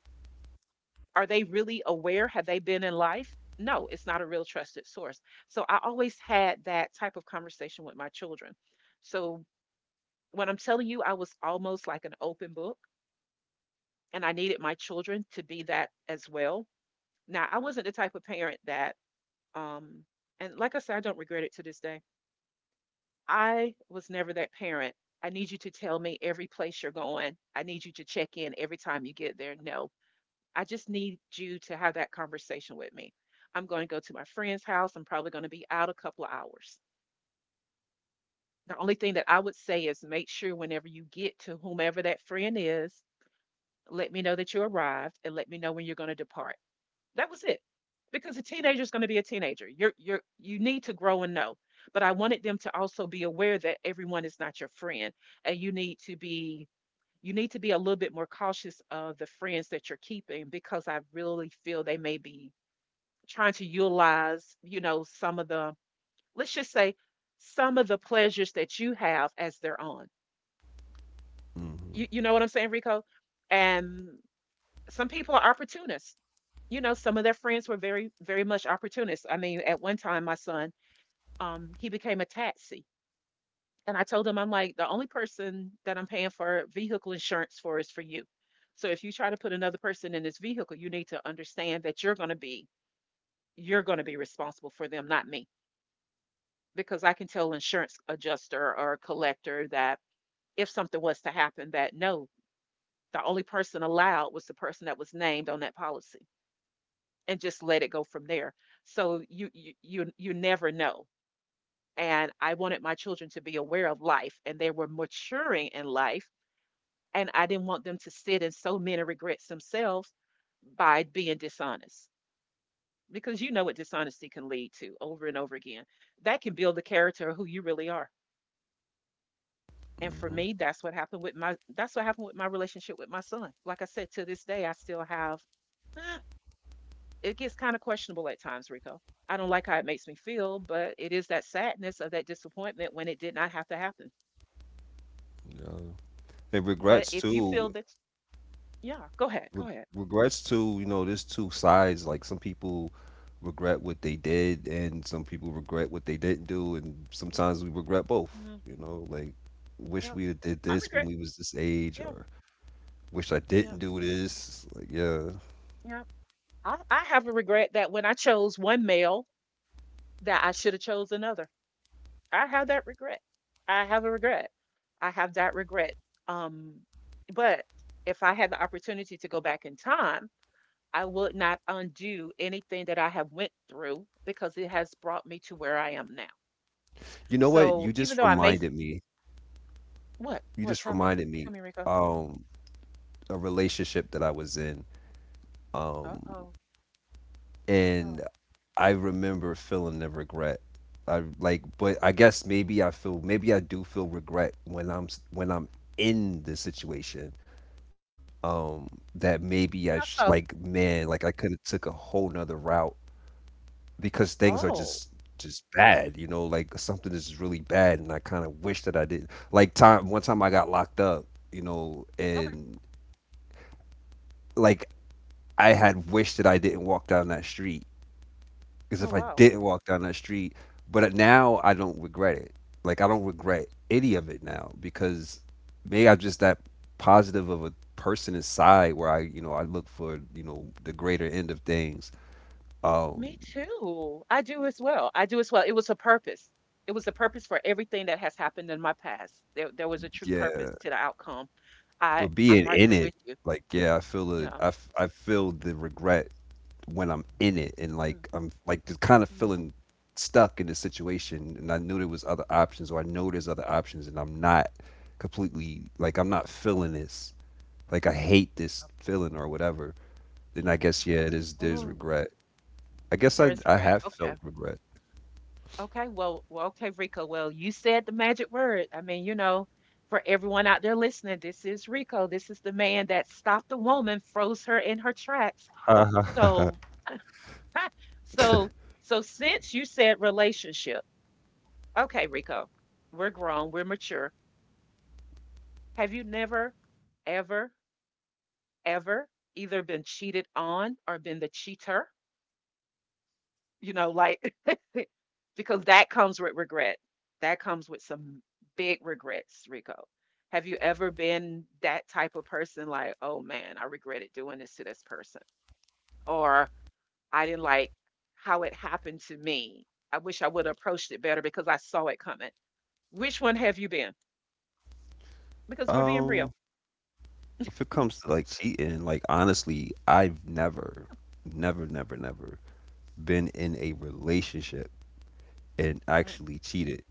[SPEAKER 1] Are they really aware? Have they been in life? No, it's not a real trusted source. So I always had that type of conversation with my children. So when I'm telling you, I was almost like an open book, and I needed my children to be that as well. Now, I wasn't the type of parent that, um, and like I said, I don't regret it to this day. I was never that parent. I need you to tell me every place you're going. I need you to check in every time you get there. No, I just need you to have that conversation with me. I'm going to go to my friend's house. I'm probably going to be out a couple of hours. The only thing that I would say is make sure whenever you get to whomever that friend is, let me know that you arrived and let me know when you're going to depart. That was it. Because a teenager is going to be a teenager. You're you need to grow and know. But I wanted them to also be aware that everyone is not your friend, and you need to be, you need to be a little bit more cautious of the friends that you're keeping, because I really feel they may be trying to utilize, you know, some of the, let's just say, some of the pleasures that you have as their own. You,
[SPEAKER 2] Mhm,
[SPEAKER 1] you know what I'm saying, Rico? And some people are opportunists. You know, some of their friends were very, very much opportunists. I mean, at one time, my son, he became a taxi. And I told him, I'm like, the only person that I'm paying for vehicle insurance for is for you. So if you try to put another person in this vehicle, you need to understand that you're going to be, you're going to be responsible for them, not me. Because I can tell insurance adjuster or collector that if something was to happen, that no, the only person allowed was the person that was named on that policy, and just let it go from there. So you never know. And I wanted my children to be aware of life, and they were maturing in life, and I didn't want them to sit in so many regrets themselves by being dishonest, because you know what dishonesty can lead to over and over again. That can build the character of who you really are. And for
[SPEAKER 2] mhm,
[SPEAKER 1] me, that's what happened with my, that's what happened with my relationship with my son. Like I said, to this day, I still have it gets kind of questionable at times, Rico. I don't like how it makes me feel, but it is that sadness of that disappointment when it did not have to happen.
[SPEAKER 2] yeah. And
[SPEAKER 1] But
[SPEAKER 2] regrets
[SPEAKER 1] if you feel
[SPEAKER 2] too.
[SPEAKER 1] that, yeah, go ahead, go
[SPEAKER 2] Re-
[SPEAKER 1] ahead.
[SPEAKER 2] Regrets too. You know, there's two sides. Like some people regret what they did, and some people regret what they didn't do, and sometimes we regret both.
[SPEAKER 1] Mm.
[SPEAKER 2] You know, like wish
[SPEAKER 1] Yeah,
[SPEAKER 2] we had did
[SPEAKER 1] I
[SPEAKER 2] this when
[SPEAKER 1] regret.
[SPEAKER 2] we was this age,
[SPEAKER 1] Yeah,
[SPEAKER 2] or wish I
[SPEAKER 1] yeah,
[SPEAKER 2] didn't do this. Like yeah.
[SPEAKER 1] yeah. I have a regret that when I chose one male, that I should have chose another. I have that regret. I have a regret. I have that regret. Um, but if I had the opportunity to go back in time, I would not undo anything that I have went through because it has brought me to where I am now.
[SPEAKER 2] You know what?
[SPEAKER 1] So
[SPEAKER 2] You
[SPEAKER 1] even
[SPEAKER 2] just
[SPEAKER 1] though I may,
[SPEAKER 2] reminded me.
[SPEAKER 1] what,
[SPEAKER 2] You
[SPEAKER 1] what?
[SPEAKER 2] just reminded me
[SPEAKER 1] Tell me, Rico.
[SPEAKER 2] um a relationship that I was in
[SPEAKER 1] Uh oh, uh
[SPEAKER 2] and
[SPEAKER 1] oh.
[SPEAKER 2] I remember feeling the regret. I like but I guess maybe I feel maybe I do feel regret when when I'm in the situation. Um that maybe I sh
[SPEAKER 1] How
[SPEAKER 2] like
[SPEAKER 1] so?
[SPEAKER 2] man, like I could have took a whole nother route because things are
[SPEAKER 1] Oh,
[SPEAKER 2] just bad, you know, like something is just really bad and I kind of wish that I didn't. Like time one time I got locked up you know,
[SPEAKER 1] okay.
[SPEAKER 2] and like I had wished that I didn't walk down that street because
[SPEAKER 1] Oh
[SPEAKER 2] if I
[SPEAKER 1] wow.
[SPEAKER 2] didn't walk down that street, but now I don't regret it. Like I don't regret any of it now because maybe I'm just that positive of a person inside where I, you know, I look for, you know, the greater end of things. Um,
[SPEAKER 1] Me too. I do as well. I do as well. It was a purpose. It was a purpose for everything that has happened in my past. There was a true purpose
[SPEAKER 2] yeah,
[SPEAKER 1] to the outcome.
[SPEAKER 2] but
[SPEAKER 1] I,
[SPEAKER 2] being
[SPEAKER 1] I'm right
[SPEAKER 2] in
[SPEAKER 1] there
[SPEAKER 2] it,
[SPEAKER 1] with you.
[SPEAKER 2] like yeah,
[SPEAKER 1] Yeah.
[SPEAKER 2] I feel the regret when I'm in it and
[SPEAKER 1] Mm.
[SPEAKER 2] like I'm like just kind of
[SPEAKER 1] Yeah.
[SPEAKER 2] feeling stuck in the situation and I knew there was other options or I know there's other options and I'm not completely like I'm not feeling this like I hate this
[SPEAKER 1] Oh,
[SPEAKER 2] feeling or whatever, then I
[SPEAKER 1] yeah.
[SPEAKER 2] guess yeah there's
[SPEAKER 1] Oh,
[SPEAKER 2] regret. I guess
[SPEAKER 1] there is
[SPEAKER 2] I
[SPEAKER 1] regret.
[SPEAKER 2] have
[SPEAKER 1] Okay.
[SPEAKER 2] felt regret.
[SPEAKER 1] Okay. Well, well, okay, Rico. Well, you said the magic word. I mean, you know, for everyone out there listening, this is Rico. This is the man that stopped the woman, froze her in her tracks.
[SPEAKER 2] Uh-huh.
[SPEAKER 1] So, so, so since you said relationship. Okay, Rico, we're grown, we're mature. Have you never, ever, ever either been cheated on or been the cheater? You know, like, because that comes with regret. That comes with some big regrets, Rico. Have you ever been that type of person, like, oh man, I regretted doing this to this person? Or I didn't like how it happened to me. I wish I would have approached it better because I saw it coming. Which one have you been? Because we're being
[SPEAKER 2] um
[SPEAKER 1] real.
[SPEAKER 2] if it comes to like cheating, like honestly I've never been in a relationship and
[SPEAKER 1] Mhm.
[SPEAKER 2] actually cheated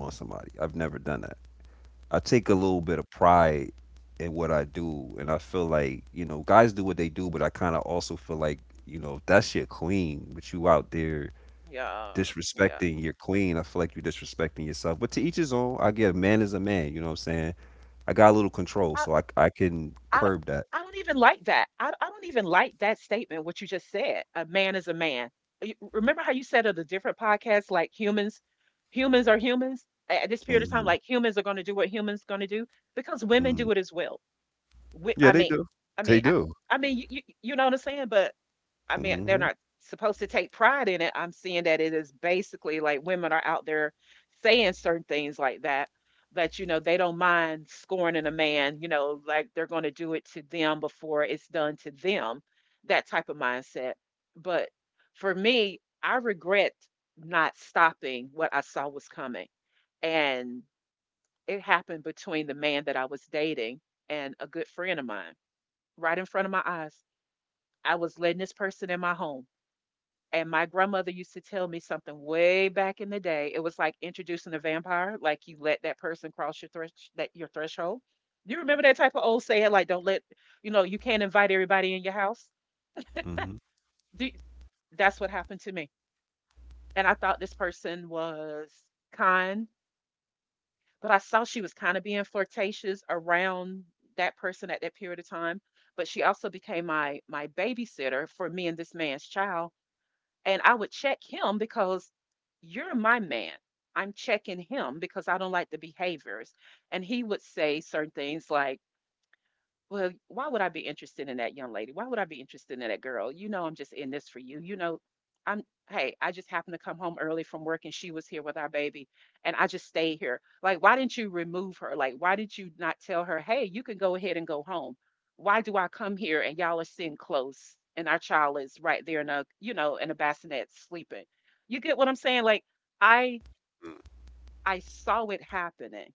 [SPEAKER 2] on somebody. I've never done that. I take a little bit of pride in what I do, and I feel like you know guys do what they do, but I kind of also feel like you know if that's your queen, but you out there
[SPEAKER 1] Yeah, yeah.
[SPEAKER 2] disrespecting your queen, I feel like you're disrespecting yourself. But to each his own. I get a man is a man. You know what I'm saying? I got a little control,
[SPEAKER 1] I,
[SPEAKER 2] so I can
[SPEAKER 1] I, don't-
[SPEAKER 2] curb that.
[SPEAKER 1] I don't even like that. I don't even like that statement, what you just said. A man is a man. You- Remember how you said of the different podcasts, like humans, humans are humans A- at this period of time,
[SPEAKER 2] Hmm
[SPEAKER 1] like humans are going to do what humans going to do, because women
[SPEAKER 2] hmm
[SPEAKER 1] do it as well. We,
[SPEAKER 2] Yeah,
[SPEAKER 1] I
[SPEAKER 2] they
[SPEAKER 1] mean,
[SPEAKER 2] do.
[SPEAKER 1] I
[SPEAKER 2] They
[SPEAKER 1] mean,
[SPEAKER 2] do.
[SPEAKER 1] I mean, you know what I'm saying? But I mean, they're
[SPEAKER 2] Hmm
[SPEAKER 1] not supposed to take pride in it. I'm seeing that it is basically like women are out there saying certain things like that, that, you know, they don't mind scorning a man, you know, like they're going to do it to them before it's done to them, that type of mindset. But for me, I regret not stopping what I saw was coming. And it happened between the man that I was dating and a good friend of mine right in front of my eyes. I was letting this person in my home, and my grandmother used to tell me something way back in the day. It was like introducing a vampire, like you let that person cross your thresh that your threshold. You remember that type of old saying, like don't let you know you can't invite everybody in your house.
[SPEAKER 2] hmm
[SPEAKER 1] Do, that's what happened to me, and I thought this person was kind, but I saw she was kind of being flirtatious around that person at that period of time. But she also became my babysitter for me and this man's child. And I would check him because you're my man. I'm checking him because I don't like the behaviors. And he would say certain things like, well, why would I be interested in that young lady? Why would I be interested in that girl? You know, I'm just in this for you. I'm, Hey, I just happened to come home early from work and she was here with our baby and I just stayed here. Like, why didn't you remove her? Like, why didn't you not tell her, hey, you can go ahead and go home? Why do I come here and y'all are sitting close and our child is right there in a, you know, in a bassinet sleeping? You get what I'm saying? Like, I, I saw it happening,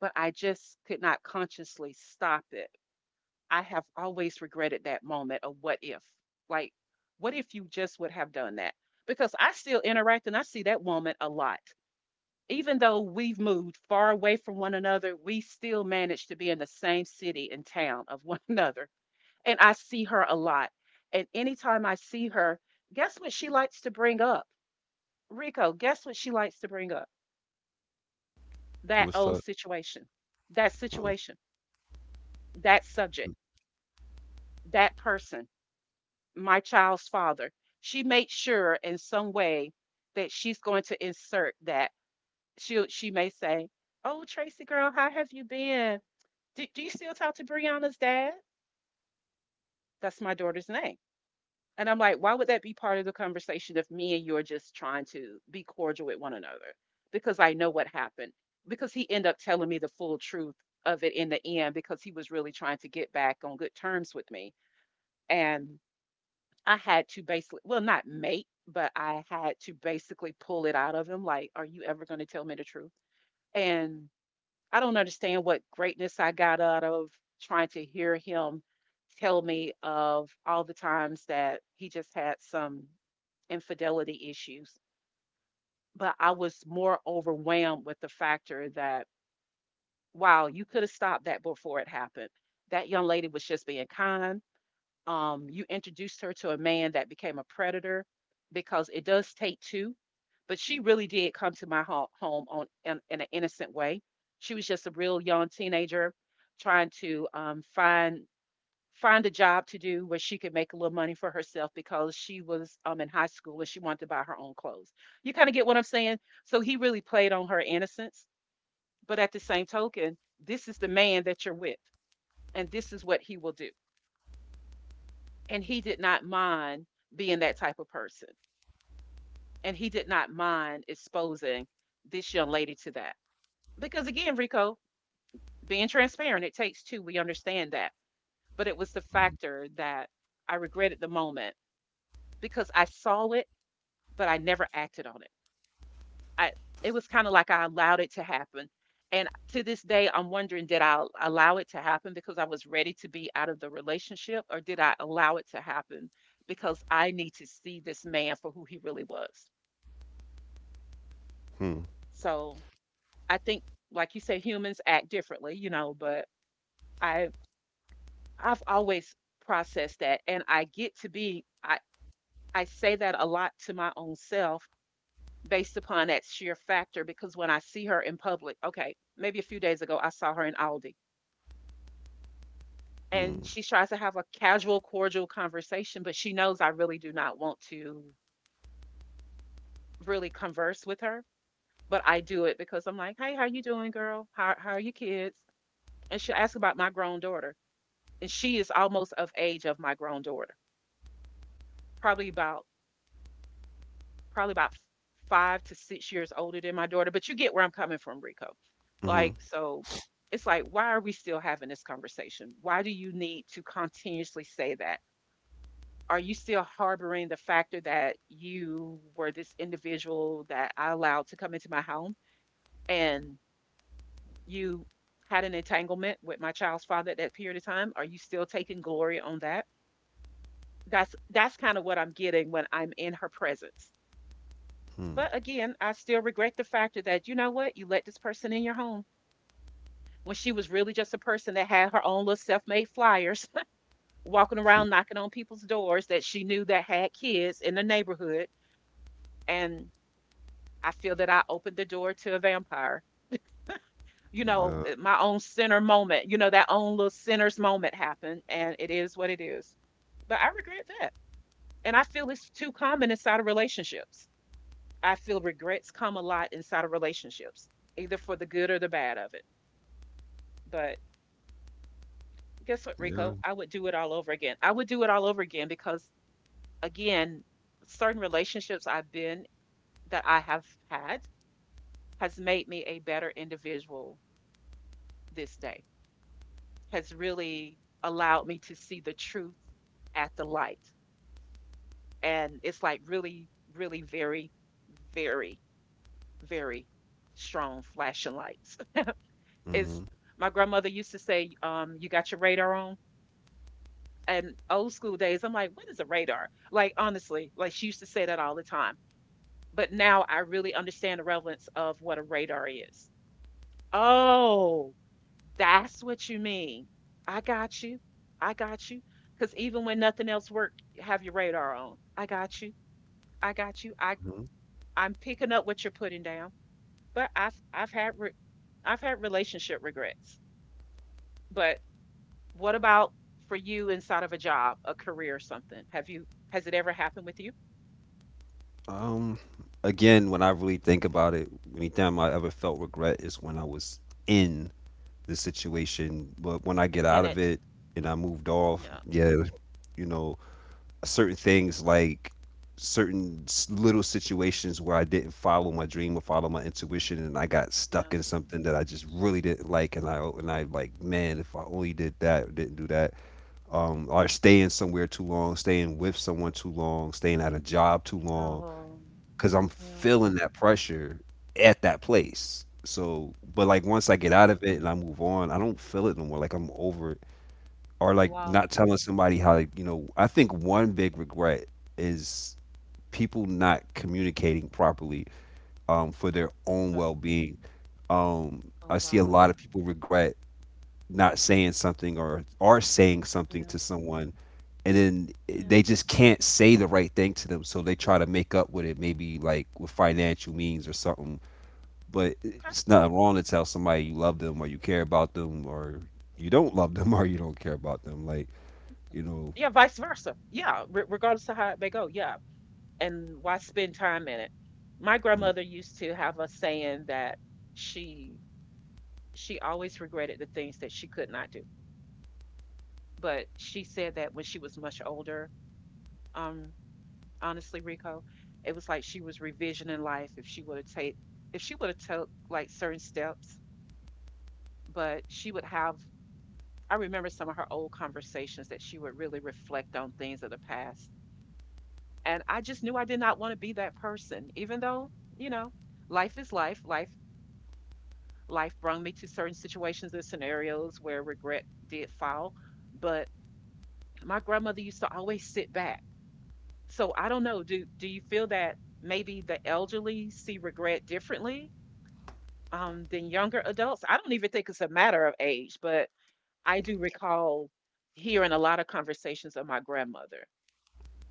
[SPEAKER 1] but I just could not consciously stop it. I have always regretted that moment of what if? Like, what if you just would have done that? Because I still interact and I see that woman a lot. Even though we've moved far away from one another, we still manage to be in the same city and town of one another. And I see her a lot. And anytime I see her, guess what she likes to bring up? Rico, guess what she likes to bring up? That
[SPEAKER 2] What's that?
[SPEAKER 1] old
[SPEAKER 2] Oh,
[SPEAKER 1] situation, that
[SPEAKER 2] mm,
[SPEAKER 1] subject, that person, my child's father. She made sure in some way that she's going to insert that. She may say, "Oh, Tracy girl, how have you been? Do you still talk to Brianna's dad? That's my daughter's name." And I'm like, "Why would that be part of the conversation if me and you are just trying to be cordial with one another?" Because I know what happened. Because he ended up telling me the full truth of it in the end because he was really trying to get back on good terms with me. And I had to basically, well, not make, but I had to basically pull it out of him, like, "Are you ever gonna tell me the truth?" And I don't understand what greatness I got out of trying to hear him tell me of all the times that he just had some infidelity issues, but I was more overwhelmed with the factor that, "Wow, you coulda stopped that before it happened. That young lady was just being kind. You introduced her to a man that became a predator because it does take two. But she really did come to my home in an innocent way. She was just a real young teenager trying to find a job to do where she could make a little money for herself because she was in high school and she wanted to buy her own clothes. You kind of get what I'm saying? So he really played on her innocence. But at the same token, this is the man that you're with, and this is what he will do, and he did not mind being that type of person, and he did not mind exposing this young lady to that because, again, Rico, being transparent, it takes two. We understand that, but it was the
[SPEAKER 2] mm,
[SPEAKER 1] factor that I regretted the moment because I saw it, but I never acted on it. I It was kind of like I allowed it to happen. And to this day, I'm wondering, did I allow it to happen because I was ready to be out of the relationship, or did I allow it to happen because I need to see this man for who he really was?
[SPEAKER 2] hmm.
[SPEAKER 1] So I think, like you said, humans act differently, you know, but I I've always processed that, and I get to be I say that a lot to my own self based upon that sheer factor because when I see her in public, okay, maybe a few days ago I saw her in Aldi and
[SPEAKER 2] Hmm.
[SPEAKER 1] she tries to have a casual, cordial conversation, but she knows I really do not want to really converse with her. But I do it because I'm like, hey, how you doing, girl? How are your kids? And she'll ask about my grown daughter, and she is almost of age of my grown daughter, probably about probably about 5 to 6 years older than my daughter. But you get where I'm coming from, Rico.
[SPEAKER 2] Hmm.
[SPEAKER 1] Like so. It's like, why are we still having this conversation? Why do you need to continuously say that? Are you still harboring the factor that you were this individual that I allowed to come into my home and you had an entanglement with my child's father at that period of time? Are you still taking glory on that? That's kind of what I'm getting when I'm in her presence.
[SPEAKER 2] Hmm.
[SPEAKER 1] But again, I still regret the factor that, you know what, you let this person in your home when she was really just a person that had her own little self-made flyers walking around knocking on people's doors that she knew that had kids in the neighborhood, and I feel that I opened the door to a vampire. You know,
[SPEAKER 2] Yeah.
[SPEAKER 1] my own sinner moment, you know, that own little sinner's moment happened, and it is what it is. But I regret that. And I feel it's too common inside of relationships. I feel regrets come a lot inside of relationships, either for the good or the bad of it. But guess what, Rico?
[SPEAKER 2] Yeah.
[SPEAKER 1] I would do it all over again. I would do it all over again because, again, certain relationships I've been that I have had has made me a better individual this day. Has really allowed me to see the truth at the light. And it's like really, really very, very, very strong flashing lights. It's
[SPEAKER 2] Mm-hmm.
[SPEAKER 1] my grandmother used to say, you got your radar on. And old school days, I'm like, what is a radar? Like honestly, like she used to say that all the time. But now I really understand the relevance of what a radar is. Oh, that's what you mean. I got you. I got you. Because even when nothing else worked, have your radar on. I got you. I got you.
[SPEAKER 2] Mm-hmm.
[SPEAKER 1] I'm picking up what you're putting down. But I've had relationship regrets. But what about for you inside of a job, a career, or something? Have you, has it ever happened with you?
[SPEAKER 2] Um, Again, when I really think about it, anytime I ever felt regret is when I was in the situation. But when I get out
[SPEAKER 1] And
[SPEAKER 2] of
[SPEAKER 1] it's
[SPEAKER 2] it and I moved off,
[SPEAKER 1] Yeah,
[SPEAKER 2] yeah, you know, certain things like certain little situations where I didn't follow my dream or follow my intuition, and I got
[SPEAKER 1] yeah.
[SPEAKER 2] stuck in something that I just really didn't like, and I like, man, if I only did that or didn't do that, or staying somewhere too long, staying with someone too long, staying at a job too long
[SPEAKER 1] Oh,
[SPEAKER 2] because I'm
[SPEAKER 1] yeah.
[SPEAKER 2] feeling that pressure at that place. So, but like once I get
[SPEAKER 1] Mm.
[SPEAKER 2] out of it and I move on, I don't feel it no more. Like I'm over it. Or like
[SPEAKER 1] Wow.
[SPEAKER 2] not telling somebody how to, you know, I think one big regret is people not communicating properly, for their own
[SPEAKER 1] Okay.
[SPEAKER 2] well being.
[SPEAKER 1] Oh,
[SPEAKER 2] I see a
[SPEAKER 1] wow.
[SPEAKER 2] lot of people regret not saying something or are saying something
[SPEAKER 1] Yeah.
[SPEAKER 2] to someone and then
[SPEAKER 1] Yeah.
[SPEAKER 2] they just can't say the right thing to them, so they try to make up with it maybe like with financial means or something. But
[SPEAKER 1] Okay.
[SPEAKER 2] it's not wrong to tell somebody you love them or you care about them or you don't love them or you don't care about them you know
[SPEAKER 1] Yeah, vice versa. Yeah, regardless of how it may go. Yeah. And why spend time in it? My grandmother used to have a saying that she she always regretted the things that she could not do. But she said that when she was much older, um, honestly, Rico, it was like she was revisioning life if she would have take, if she would have took like certain steps, but she would have I remember some of her old conversations that she would really reflect on things of the past. And I just knew I did not want to be that person, even though, you know, life is life. Life brought me to certain situations and scenarios where regret did fall. But my grandmother used to always sit back. So I don't know. Do you feel that maybe the elderly see regret differently than younger adults? I don't even think it's a matter of age, but I do recall hearing a lot of conversations of my grandmother,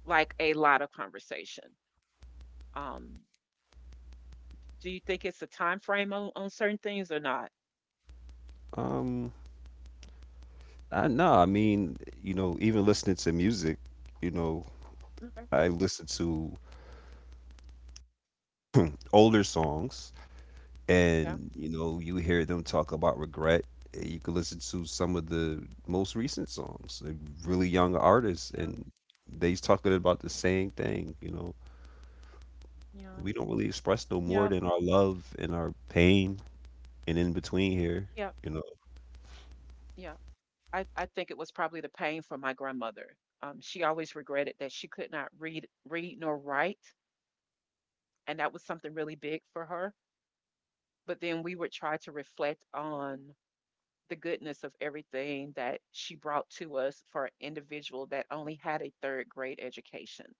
[SPEAKER 1] like a lot of conversation. Um, Do you think it's a time frame on certain things or not?
[SPEAKER 2] um I mean, even listening to music. you know
[SPEAKER 1] Okay.
[SPEAKER 2] I listen to older songs
[SPEAKER 1] Yeah.
[SPEAKER 2] and you know you hear them talk about regret, and you can listen to some of the most recent songs, like really young
[SPEAKER 1] Yeah.
[SPEAKER 2] artists, and they's talking about the same thing. You know,
[SPEAKER 1] Yeah.
[SPEAKER 2] we don't really express no
[SPEAKER 1] Yeah.
[SPEAKER 2] more than our love and our pain and in between here,
[SPEAKER 1] Yeah.
[SPEAKER 2] you know.
[SPEAKER 1] Yeah. I think it was probably the pain for my grandmother. She always regretted that she could not read nor write, and that was something really big for her. But then we would try to reflect on the goodness of everything that she brought to us for an individual that only had a third grade education.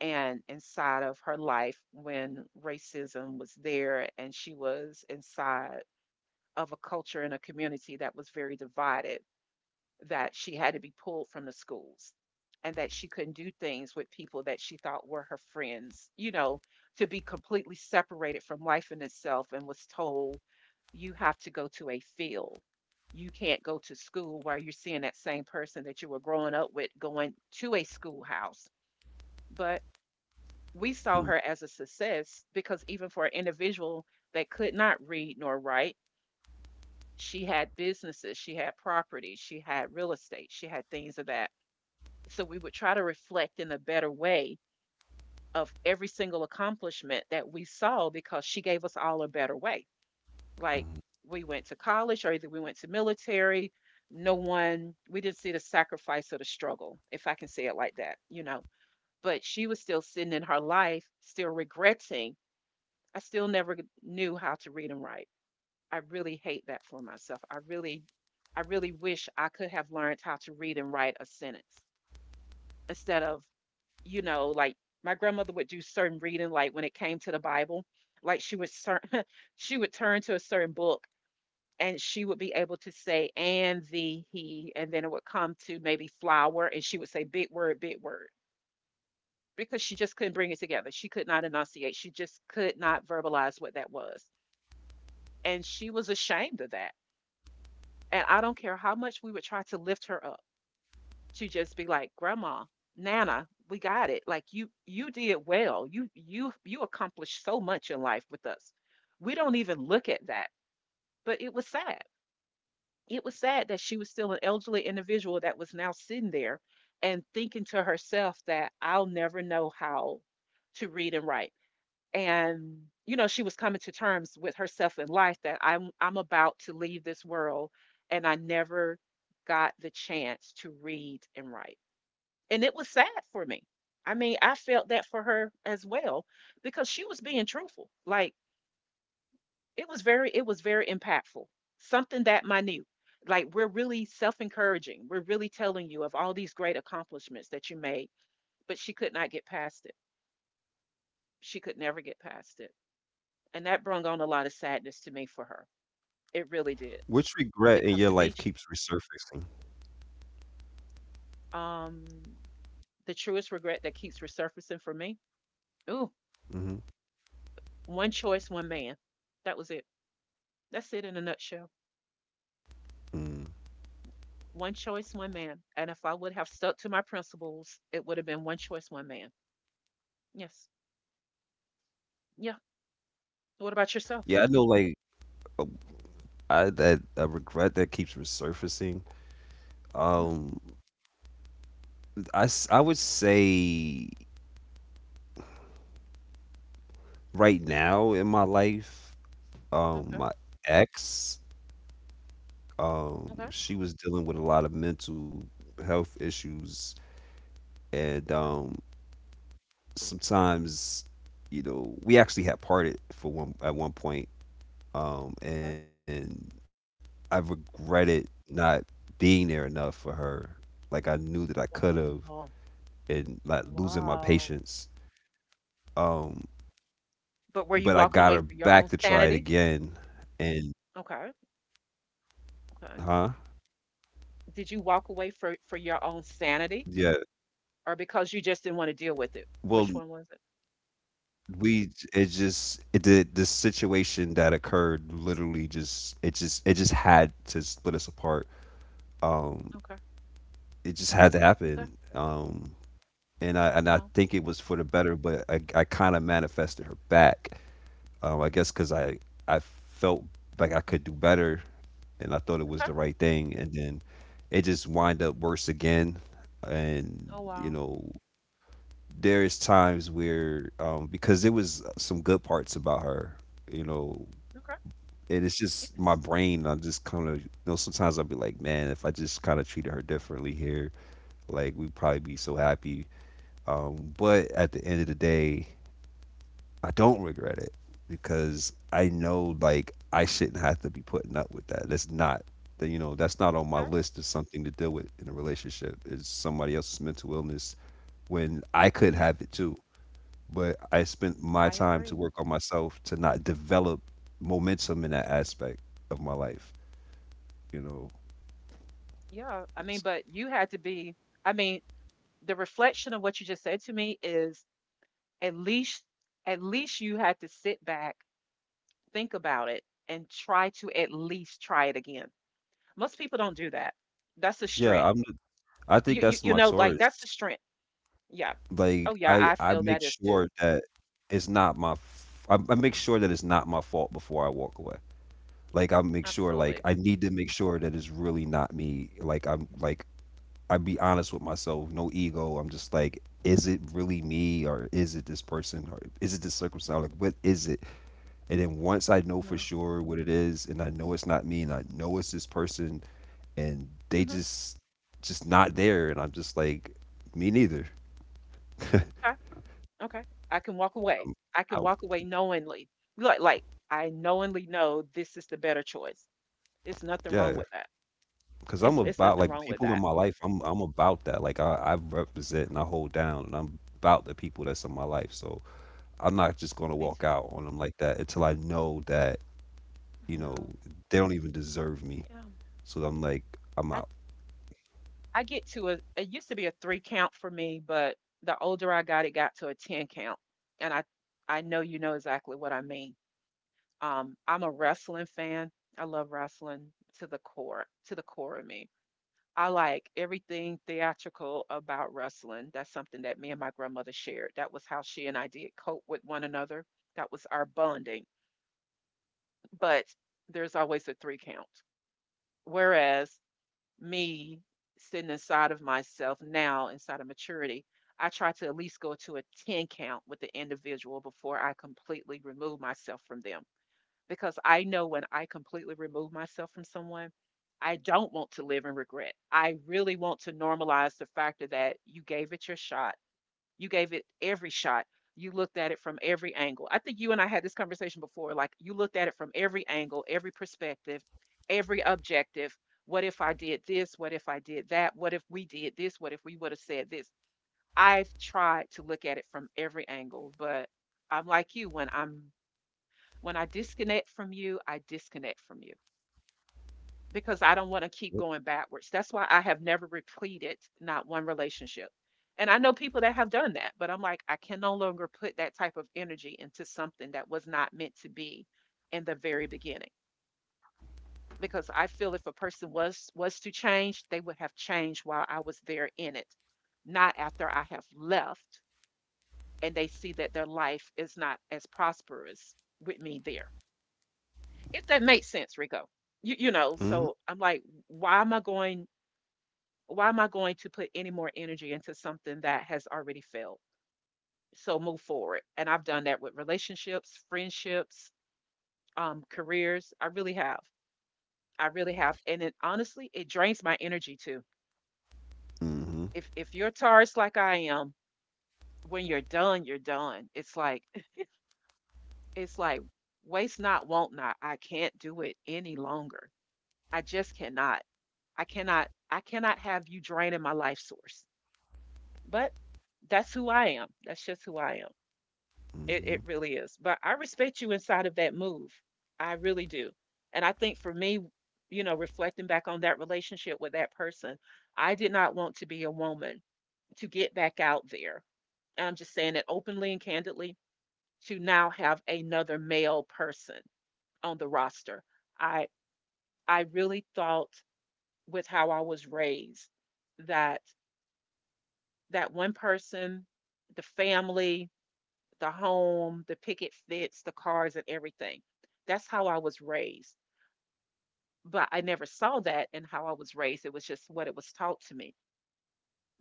[SPEAKER 1] And inside of her life, when racism was there and she was inside of a culture and a community that was very divided, that she had to be pulled from the schools and that she couldn't do things with people that she thought were her friends, to be completely separated from life in itself, and was told, you have to go to a field, you can't go to school, while you're seeing that same person that you were growing up with going to a schoolhouse. But we saw
[SPEAKER 2] Hmm,
[SPEAKER 1] her as a success because even for an individual that could not read nor write, she had businesses, she had property, she had real estate, she had things of that. So we would try to reflect in a better way of every single accomplishment that we saw because she gave us all a better way. Like
[SPEAKER 2] mhm.
[SPEAKER 1] we went to college or either we went to military, no one, we didn't see the sacrifice or the struggle, if I can say it like that. But she was still sitting in her life, still regretting, I still never knew how to read and write. I really hate that for myself. I really wish I could have learned how to read and write a sentence instead of, like my grandmother would do certain reading, like when it came to the Bible, like she would she would turn to a certain book, and she would be able to say and the he, and then it would come to maybe flower and she would say big word, big word, because she just couldn't bring it together, she could not enunciate, she just could not verbalize what that was. And she was ashamed of that. And I don't care how much we would try to lift her up to just be like, Grandma, Nana, we got it. Like you did well. You accomplished so much in life with us. We don't even look at that. But it was sad. It was sad that she was still an elderly individual that was now sitting there and thinking to herself that I'll never know how to read and write. And she was coming to terms with herself in life that I'm about to leave this world and I never got the chance to read and write. And it was sad for me. I mean, I felt that for her as well because she was being truthful. Like it was very impactful. Something that minute. Like we're really self-encouraging. We're really telling you of all these great accomplishments that you made, but she could not get past it. She could never get past it. And that brung on a lot of sadness to me for her. It really did.
[SPEAKER 2] Which regret in
[SPEAKER 1] Because
[SPEAKER 2] your
[SPEAKER 1] to me,
[SPEAKER 2] life keeps resurfacing?
[SPEAKER 1] um, the truest regret that keeps resurfacing for me, ooh,
[SPEAKER 2] Mm-hmm.
[SPEAKER 1] one choice, one man. That was it. That's it in a nutshell.
[SPEAKER 2] Hmm mm.
[SPEAKER 1] One choice, one man. And if I would have stuck to my principles, it would have been one choice, one man. Yes. Yeah. What about yourself?
[SPEAKER 2] Yeah, I know, like, I that a regret that keeps resurfacing,
[SPEAKER 1] Hmm.
[SPEAKER 2] um I would say right now in my life,
[SPEAKER 1] Okay.
[SPEAKER 2] my ex,
[SPEAKER 1] Okay.
[SPEAKER 2] she was dealing with a lot of mental health issues. and
[SPEAKER 1] Okay.
[SPEAKER 2] um sometimes, you know, we actually had parted for one at 1 point,
[SPEAKER 1] Okay.
[SPEAKER 2] and I regretted not being there enough for her. Like I knew that I could have,
[SPEAKER 1] Wow.
[SPEAKER 2] and like losing my
[SPEAKER 1] Wow.
[SPEAKER 2] patience. um
[SPEAKER 1] But were you
[SPEAKER 2] but I
[SPEAKER 1] walking
[SPEAKER 2] got
[SPEAKER 1] away
[SPEAKER 2] her
[SPEAKER 1] for your own
[SPEAKER 2] back to try it
[SPEAKER 1] sanity?
[SPEAKER 2] again, and
[SPEAKER 1] Okay. Okay.
[SPEAKER 2] huh,
[SPEAKER 1] Did you walk away for your own sanity?
[SPEAKER 2] yeah,
[SPEAKER 1] Or because you just didn't want to deal with it?
[SPEAKER 2] well
[SPEAKER 1] Which one was it?
[SPEAKER 2] we it just it the situation that occurred literally just it just had to split us apart. um
[SPEAKER 1] Okay.
[SPEAKER 2] it just had to
[SPEAKER 1] Okay.
[SPEAKER 2] happen. And I
[SPEAKER 1] Wow.
[SPEAKER 2] think it was for the better, but I kind of manifested her back. I guess because I felt like I could do better, and I thought it was
[SPEAKER 1] Okay.
[SPEAKER 2] the right thing, and then it just wind up worse again. And
[SPEAKER 1] Oh,
[SPEAKER 2] you
[SPEAKER 1] wow.
[SPEAKER 2] know, there's times where, because there was some good parts about her, you know,
[SPEAKER 1] Okay.
[SPEAKER 2] and it's just my
[SPEAKER 1] Yes.
[SPEAKER 2] brain. I just kind of, you know, sometimes I'll be like, man, if I just kind of treated her differently here, like we'd probably be so happy. But at the end of the day, I don't regret it, because I know, like, I shouldn't have to be putting up with that. That's not, that, you know, that's not on my
[SPEAKER 1] Okay.
[SPEAKER 2] list of something to deal with in a relationship is somebody else's mental illness when I could
[SPEAKER 1] Yeah.
[SPEAKER 2] have it too. But I spent my
[SPEAKER 1] I
[SPEAKER 2] time to
[SPEAKER 1] agree.
[SPEAKER 2] work on myself to not develop momentum in that aspect of my life. You know,
[SPEAKER 1] Yeah. I mean,
[SPEAKER 2] S-
[SPEAKER 1] but you had to be. I mean, the reflection of what you just said to me is, at least, at least you had to sit back, think about it, and try to at least try it again. Most people don't do that. That's the
[SPEAKER 2] yeah,
[SPEAKER 1] strength.
[SPEAKER 2] I think
[SPEAKER 1] You,
[SPEAKER 2] that's my
[SPEAKER 1] like that's
[SPEAKER 2] Taurus.
[SPEAKER 1] the strength. Yeah.
[SPEAKER 2] Like
[SPEAKER 1] Oh yeah, I
[SPEAKER 2] I
[SPEAKER 1] feel
[SPEAKER 2] make
[SPEAKER 1] that is too.
[SPEAKER 2] sure that it's not my. F- I make sure that it's not my fault before I walk away. Like I make sure, like
[SPEAKER 1] Absolutely.
[SPEAKER 2] I need to make sure that it's really not me. I be honest with myself, no ego. I'm just like, is it really me, or is it this person, or is it this circumstance? Like, what is it? And then once I know for sure what it is, and I know it's not me, and I know it's this person, and they
[SPEAKER 1] Mm-hmm.
[SPEAKER 2] just not there, and I'm just like, me neither.
[SPEAKER 1] Okay. I can walk away. I
[SPEAKER 2] I,
[SPEAKER 1] can walk away knowingly. Like I knowingly know this is the better choice. It's nothing wrong
[SPEAKER 2] yeah,
[SPEAKER 1] with that.
[SPEAKER 2] because I'm
[SPEAKER 1] It's
[SPEAKER 2] about
[SPEAKER 1] nothing
[SPEAKER 2] like
[SPEAKER 1] wrong with
[SPEAKER 2] people in
[SPEAKER 1] that.
[SPEAKER 2] my life. I'm about that. Like I represent and I hold down, and I'm about the people that's in my life. So I'm not just gonna
[SPEAKER 1] Me
[SPEAKER 2] walk
[SPEAKER 1] too.
[SPEAKER 2] out on them like that until I know that, you know
[SPEAKER 1] Yeah.
[SPEAKER 2] they don't even deserve me.
[SPEAKER 1] Yeah.
[SPEAKER 2] So I'm like, I'm
[SPEAKER 1] I
[SPEAKER 2] out.
[SPEAKER 1] I get to a it used to be a three count for me, but the older I got, it got to a 10 count. And I know you know exactly what I mean. I'm a wrestling fan. I love wrestling to the core of me. I like everything theatrical about wrestling. That's something that me and my grandmother shared. That was how she and I did cope with one another. That was our bonding. But there's always a three count. Whereas me sitting inside of myself now, inside of maturity, I try to at least go to a 10 count with the individual before I completely remove myself from them, because I know when I completely remove myself from someone, I don't want to live in regret. I really want to normalize the fact that you gave it your shot. You gave it every shot. You looked at it from every angle. I think you and I had this conversation before. Like you looked at it from every angle, every perspective, every objective. What if I did this? What if I did that? What if we did this? What if we would have said this? I've tried to look at it from every angle, but I'm like you. When I disconnect from you, I disconnect from you because I don't want to keep going backwards. That's why I have never repleted not one relationship. And I know people that have done that, but I'm like, I can no longer put that type of energy into something that was not meant to be in the very beginning. Because I feel if a person was to change, they would have changed while I was there in it, not after I have left and they see that their life is not as prosperous with me there. If that makes sense, Rico. You you know,
[SPEAKER 2] Mm-hmm.
[SPEAKER 1] so I'm like, why am I going? Why am I going to put any more energy into something that has already failed? So move forward. And I've done that with relationships, friendships, careers. I really have. I really have. And it honestly, it drains my energy too.
[SPEAKER 2] Mm-hmm.
[SPEAKER 1] If you're Taurus like I am, when you're done, you're done. It's like, it's like, waste not, won't not. I can't do it any longer. I just cannot. I cannot have you draining my life source. But that's who I am. That's just who I am. It
[SPEAKER 2] Mm-hmm.
[SPEAKER 1] really is. But I respect you inside of that move. I really do. And I think for me, reflecting back on that relationship with that person, I did not want to be a woman to get back out there. And I'm just saying it openly and candidly, to now have another male person on the roster. I I really thought with how I was raised that that one person, the family, the home, the picket fence, the cars, and everything. That's how I was raised. But I never saw that in how I was raised. It was just what it was taught to me.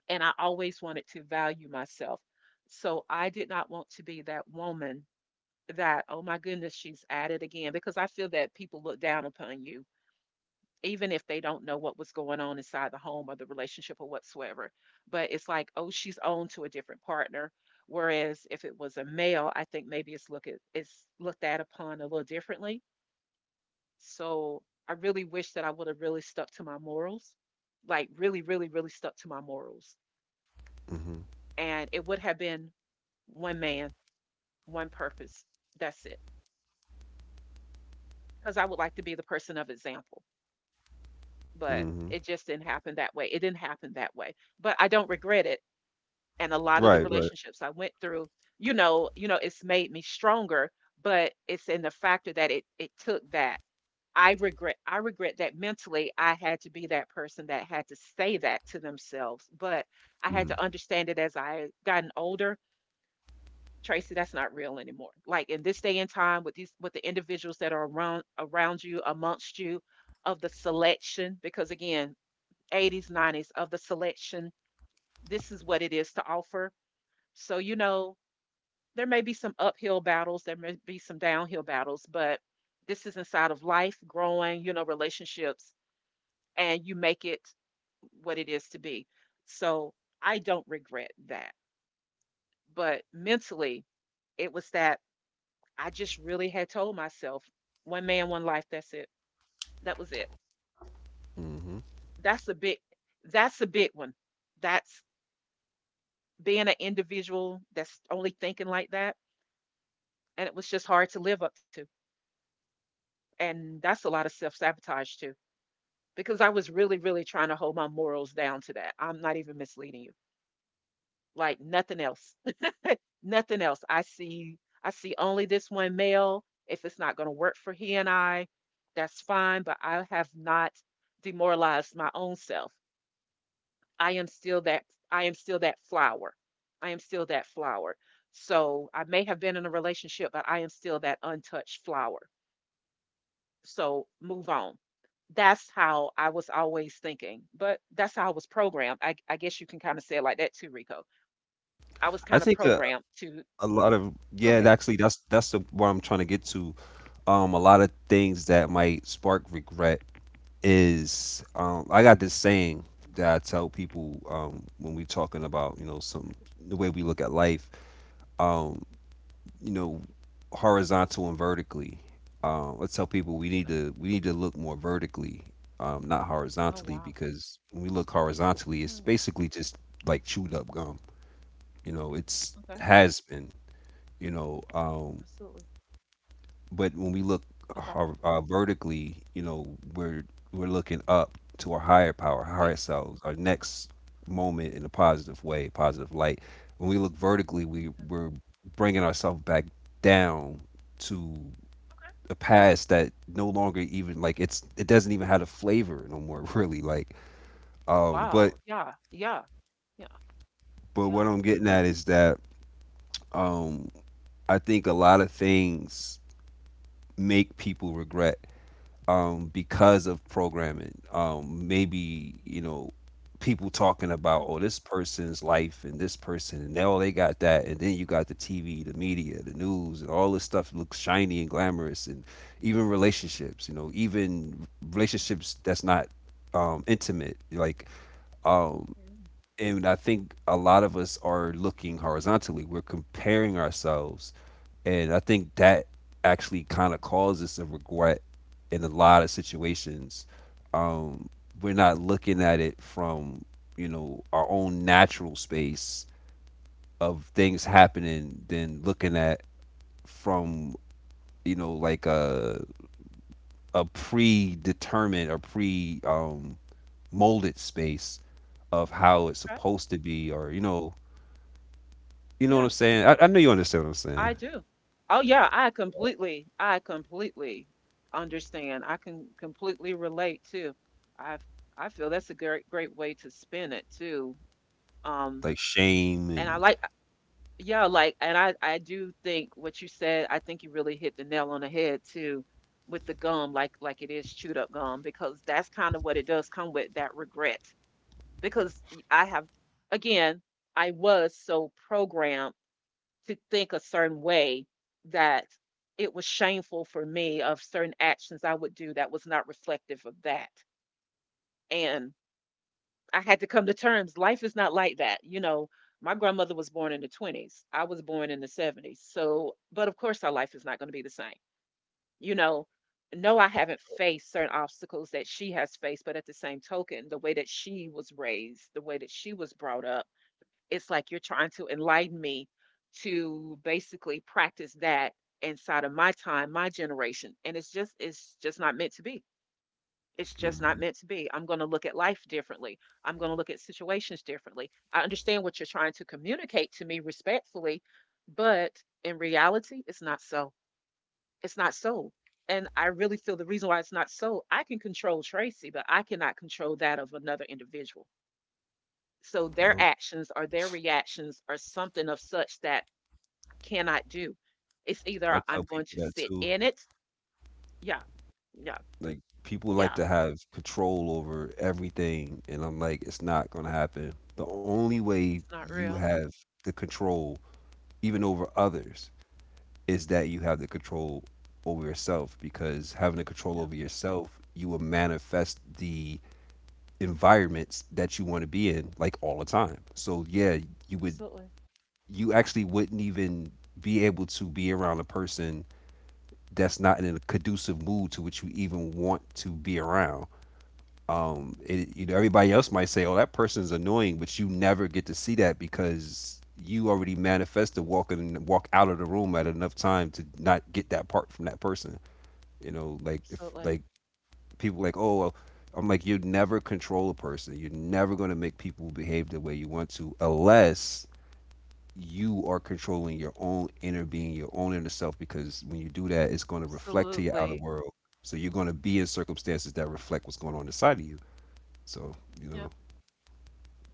[SPEAKER 1] And I always wanted to value myself. So I did not want to be that woman that, oh my goodness, she's at it again, because I feel that people look down upon you even if they don't know what was going on inside the home or the relationship or whatsoever. But it's like, oh, she's on to a different partner. Whereas if it was a male, I think maybe it's look at, it's looked at upon a little differently. So I really wish that I would have really stuck to my morals, like really, really, really stuck to my morals.
[SPEAKER 2] Mm-hmm.
[SPEAKER 1] And it would have been one man, one purpose. That's it. Because I would like to be the person of example. But
[SPEAKER 2] Mm-hmm.
[SPEAKER 1] it just didn't happen that way. It didn't happen that way. But I don't regret it, and a lot of the
[SPEAKER 2] Right. Right.
[SPEAKER 1] relationships I went through, it's made me stronger, but it's in the factor that it took that. I regret that mentally I had to be that person that had to say that to themselves, but I had
[SPEAKER 2] Mhm,
[SPEAKER 1] to understand it as I gotten older. Tracy, that's not real anymore. Like in this day and time with the individuals that are around you, amongst you, of the selection, because again, 80s, 90s of the selection, this is what it is to offer. So, there may be some uphill battles, there may be some downhill battles, but this is inside of life, growing, relationships, and you make it what it is to be. So I don't regret that. But mentally, it was that I just really had told myself, one man, one life, that's it. That was it.
[SPEAKER 2] mhm.
[SPEAKER 1] That's a big, that's a big one. That's being an individual that's only thinking like that. And it was just hard to live up to. And that's a lot of self sabotage too. Because I was really, really trying to hold my morals down to that. I'm not even misleading you. Like nothing else. Nothing else. I see only this one male. If it's not going to work for he and I, that's fine, but I have not demoralized my own self. I am still that I am still that flower. I am still that flower. So I may have been in a relationship, but I am still that untouched flower. So move on. That's how I was always thinking, but that's how I was programmed. I guess you can kind of say it like that too, Rico. I was
[SPEAKER 2] I
[SPEAKER 1] kind of
[SPEAKER 2] think a
[SPEAKER 1] programmed to
[SPEAKER 2] a lot of,
[SPEAKER 1] go
[SPEAKER 2] yeah,
[SPEAKER 1] ahead.
[SPEAKER 2] actually that's the what I'm trying to get to. A lot of things that might spark regret is, I got this saying that I tell people, when we talking about, you know, some the way we look at life, um, you know, horizontal and vertically. I tell people we need
[SPEAKER 1] Uh,
[SPEAKER 2] to we need to look more vertically, not
[SPEAKER 1] Oh,
[SPEAKER 2] horizontally,
[SPEAKER 1] wow.
[SPEAKER 2] because when we look horizontally, it's
[SPEAKER 1] Hmm,
[SPEAKER 2] basically just like chewed up gum. You know, it's
[SPEAKER 1] okay.
[SPEAKER 2] has been. You know,
[SPEAKER 1] Absolutely.
[SPEAKER 2] but when we look
[SPEAKER 1] Okay.
[SPEAKER 2] vertically, you know, we're looking up to our higher power, higher
[SPEAKER 1] Yes.
[SPEAKER 2] selves, our next moment in a positive way, positive light. When we look vertically, we
[SPEAKER 1] Yeah,
[SPEAKER 2] we're bringing ourselves back down to
[SPEAKER 1] okay.
[SPEAKER 2] a past that no longer even, like, it's, it doesn't even have a flavor no more really, like, um but
[SPEAKER 1] Wow. Yeah. Yeah. Yeah.
[SPEAKER 2] but what
[SPEAKER 1] Yeah.
[SPEAKER 2] I'm getting at is that, um I think a lot of things make people regret, because of programming. Maybe you know people talking about,
[SPEAKER 1] Hmm,
[SPEAKER 2] oh this person's life and this person and now they got that, and then you got the TV, the media, the news, and all this stuff looks shiny and glamorous and even relationships. You know, even relationships that's not, intimate, like, um
[SPEAKER 1] mm,
[SPEAKER 2] and I think a lot of us are looking horizontally, we're comparing ourselves, and I think that actually kind of causes a regret in a lot of situations. Um, we're not looking at it from, you know, our own natural space of things happening than looking at from, you know, like a predetermined or pre, molded space of how it's
[SPEAKER 1] okay.
[SPEAKER 2] supposed to be, or you know, you know what
[SPEAKER 1] Yeah,
[SPEAKER 2] I'm saying? I know you understand what I'm saying.
[SPEAKER 1] I do. Oh, yeah. I completely understand. I can completely relate too. I've, I feel that's a great, great way to spin it too. Um,
[SPEAKER 2] Like shame
[SPEAKER 1] and I
[SPEAKER 2] and
[SPEAKER 1] like, yeah, like, and I do think what you said, I think you really hit the nail on the head too with the gum, like it is chewed up gum, because that's kind of what it does come with that regret. Because I have, again, I was so programmed to think a certain way that it was shameful for me of certain actions I would do that was not reflective of that. And I had to come to terms. Life is not like that. You know, my grandmother was born in the 20s. I was born in the 70s. So, but of course, our life is not going to be the same. You know, no, I haven't faced certain obstacles that she has faced, but at the same token, the way that she was raised, the way that she was brought up, it's like you're trying to enlighten me to basically practice that inside of my time, my generation. And it's just not meant to be. It's just not meant to
[SPEAKER 2] Mhm.
[SPEAKER 1] be. I'm going to look at life differently. I'm going to look at situations differently. I understand what you're trying to communicate to me respectfully, but in reality, it's not so. It's not so. And I really feel the reason why it's not so, I can control Tracy, but I cannot control that of another individual. So their
[SPEAKER 2] Well,
[SPEAKER 1] actions or their reactions are something of such that I cannot do. It's
[SPEAKER 2] I
[SPEAKER 1] either
[SPEAKER 2] tell
[SPEAKER 1] I'm going
[SPEAKER 2] people
[SPEAKER 1] to
[SPEAKER 2] that
[SPEAKER 1] sit
[SPEAKER 2] too.
[SPEAKER 1] in it. Yeah. Yeah.
[SPEAKER 2] Like people like
[SPEAKER 1] Yeah.
[SPEAKER 2] to have control over everything, and I'm like, it's not gonna happen. The only way
[SPEAKER 1] It's not
[SPEAKER 2] you
[SPEAKER 1] real.
[SPEAKER 2] have the control, even over others, is that you have the control over yourself. Because having the control
[SPEAKER 1] Yeah.
[SPEAKER 2] over yourself, you will manifest the environments that you want to be in, like all the time. So yeah, you would,
[SPEAKER 1] Absolutely.
[SPEAKER 2] you actually wouldn't even be able to be around a person that's not in a conducive mood to which you even want to be around, it, you know, everybody else might say, "Oh, that person's annoying," but you never get to see that because you already manifested walk out of the room at enough time to not get that part from that person. You know, like if
[SPEAKER 1] Absolutely.
[SPEAKER 2] like people like, "Oh," "well," I'm like, you never control a person. You're never going to make people behave the way you want to unless you are controlling your own inner being, your own inner self. Because when you do that, it's going to reflect to your outer
[SPEAKER 1] Absolutely.
[SPEAKER 2] world. So you're going to be in circumstances that reflect what's going on inside of you. So you
[SPEAKER 1] Yeah,
[SPEAKER 2] know.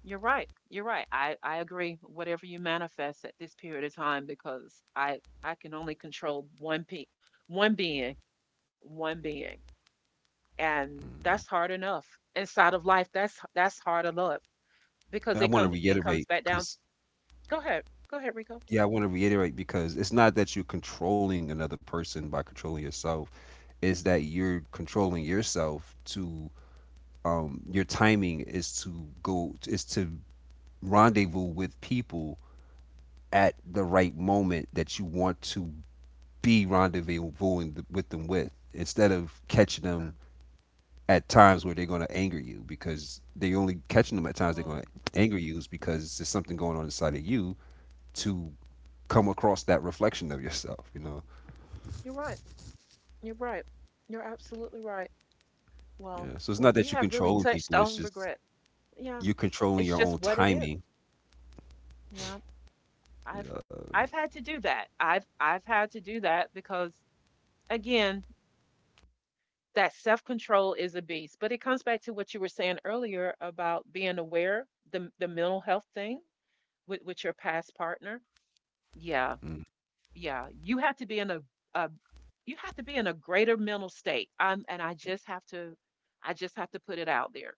[SPEAKER 1] you're right. You're right. I agree. Whatever you manifest at this period of time, because I can only control one being, one being, and
[SPEAKER 2] Mhm.
[SPEAKER 1] that's hard enough inside of life. That's hard enough because
[SPEAKER 2] I want to
[SPEAKER 1] it comes
[SPEAKER 2] reiterate
[SPEAKER 1] back down to,
[SPEAKER 2] because,
[SPEAKER 1] go ahead, go ahead, Rico.
[SPEAKER 2] yeah, I want to reiterate because it's not that you're controlling another person by controlling yourself. It's that you're controlling yourself to, your timing is to go, is to rendezvous with people at the right moment that you want to be rendezvousing with them with, instead of catching
[SPEAKER 1] Okay.
[SPEAKER 2] them at times where they're going to anger you, because they only catching them at times they're going
[SPEAKER 1] Um,
[SPEAKER 2] to anger you is because there's something going on inside of you to come across that reflection of yourself, you know.
[SPEAKER 1] you're right. You're right. You're absolutely right. Well,
[SPEAKER 2] Yeah. So it's
[SPEAKER 1] well,
[SPEAKER 2] not
[SPEAKER 1] we
[SPEAKER 2] that you're
[SPEAKER 1] have really
[SPEAKER 2] controlling
[SPEAKER 1] touched
[SPEAKER 2] people; it's
[SPEAKER 1] on
[SPEAKER 2] just
[SPEAKER 1] regret. Yeah,
[SPEAKER 2] you're controlling
[SPEAKER 1] it's
[SPEAKER 2] your
[SPEAKER 1] just
[SPEAKER 2] own
[SPEAKER 1] what it is.
[SPEAKER 2] timing.
[SPEAKER 1] Yeah. I've I've had to do that. I've had to do that because again, that self-control is a beast. But it comes back to what you were saying earlier about being aware, the mental health thing with your past partner. Yeah,
[SPEAKER 2] Mm,
[SPEAKER 1] yeah. You have to be in a you have to be in a greater mental state. And I just have to I just have to put it out there.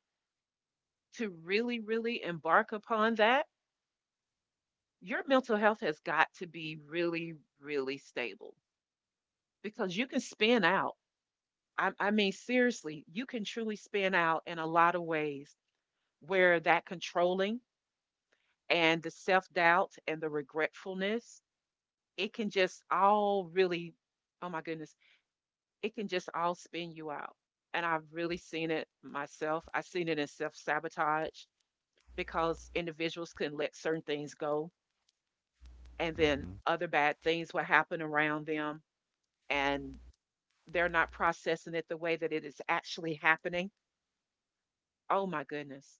[SPEAKER 1] To really, really embark upon that, your mental health has got to be really, really stable because you can spin out I mean, seriously, you can truly spin out in a lot of ways where that controlling and the self doubt and the regretfulness, it can just all really, oh my goodness, it can just all spin you out. And I've really seen it myself. I've seen it in self sabotage because individuals can let certain things go and then
[SPEAKER 2] mhm,
[SPEAKER 1] other bad things will happen around them and they're not processing it the way that it is actually happening. Oh my goodness.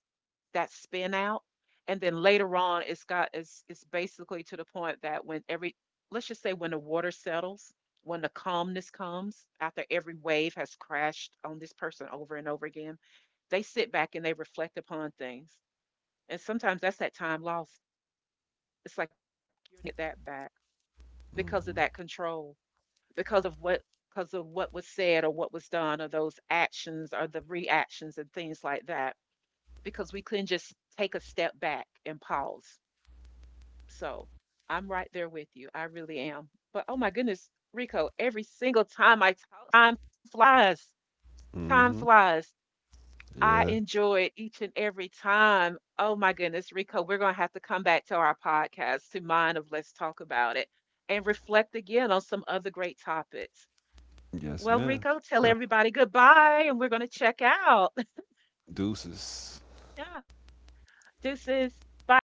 [SPEAKER 1] That spin out. And then later on, it's basically to the point that when every let's just say when the water settles, when the calmness comes after every wave has crashed on this person over and over again, they sit back and they reflect upon things. And sometimes that's that time lost. It's like you get that back because of
[SPEAKER 2] mhm,
[SPEAKER 1] that control, because of what because of what was said or what was done or those actions or the reactions and things like that. Because we couldn't just take a step back and pause. So I'm right there with you. I really am. But oh my goodness, Rico, every single time I talk, time flies.
[SPEAKER 2] mhm.
[SPEAKER 1] Time flies. I
[SPEAKER 2] Yeah.
[SPEAKER 1] enjoy it each and every time. Oh my goodness, Rico, we're going to have to come back to our podcast, to mine of Let's Talk About It, and reflect again on some other great topics.
[SPEAKER 2] Yes,
[SPEAKER 1] Well,
[SPEAKER 2] man.
[SPEAKER 1] Rico, tell
[SPEAKER 2] Yeah.
[SPEAKER 1] everybody goodbye and we're going to check out.
[SPEAKER 2] Deuces.
[SPEAKER 1] Yeah, this is bye.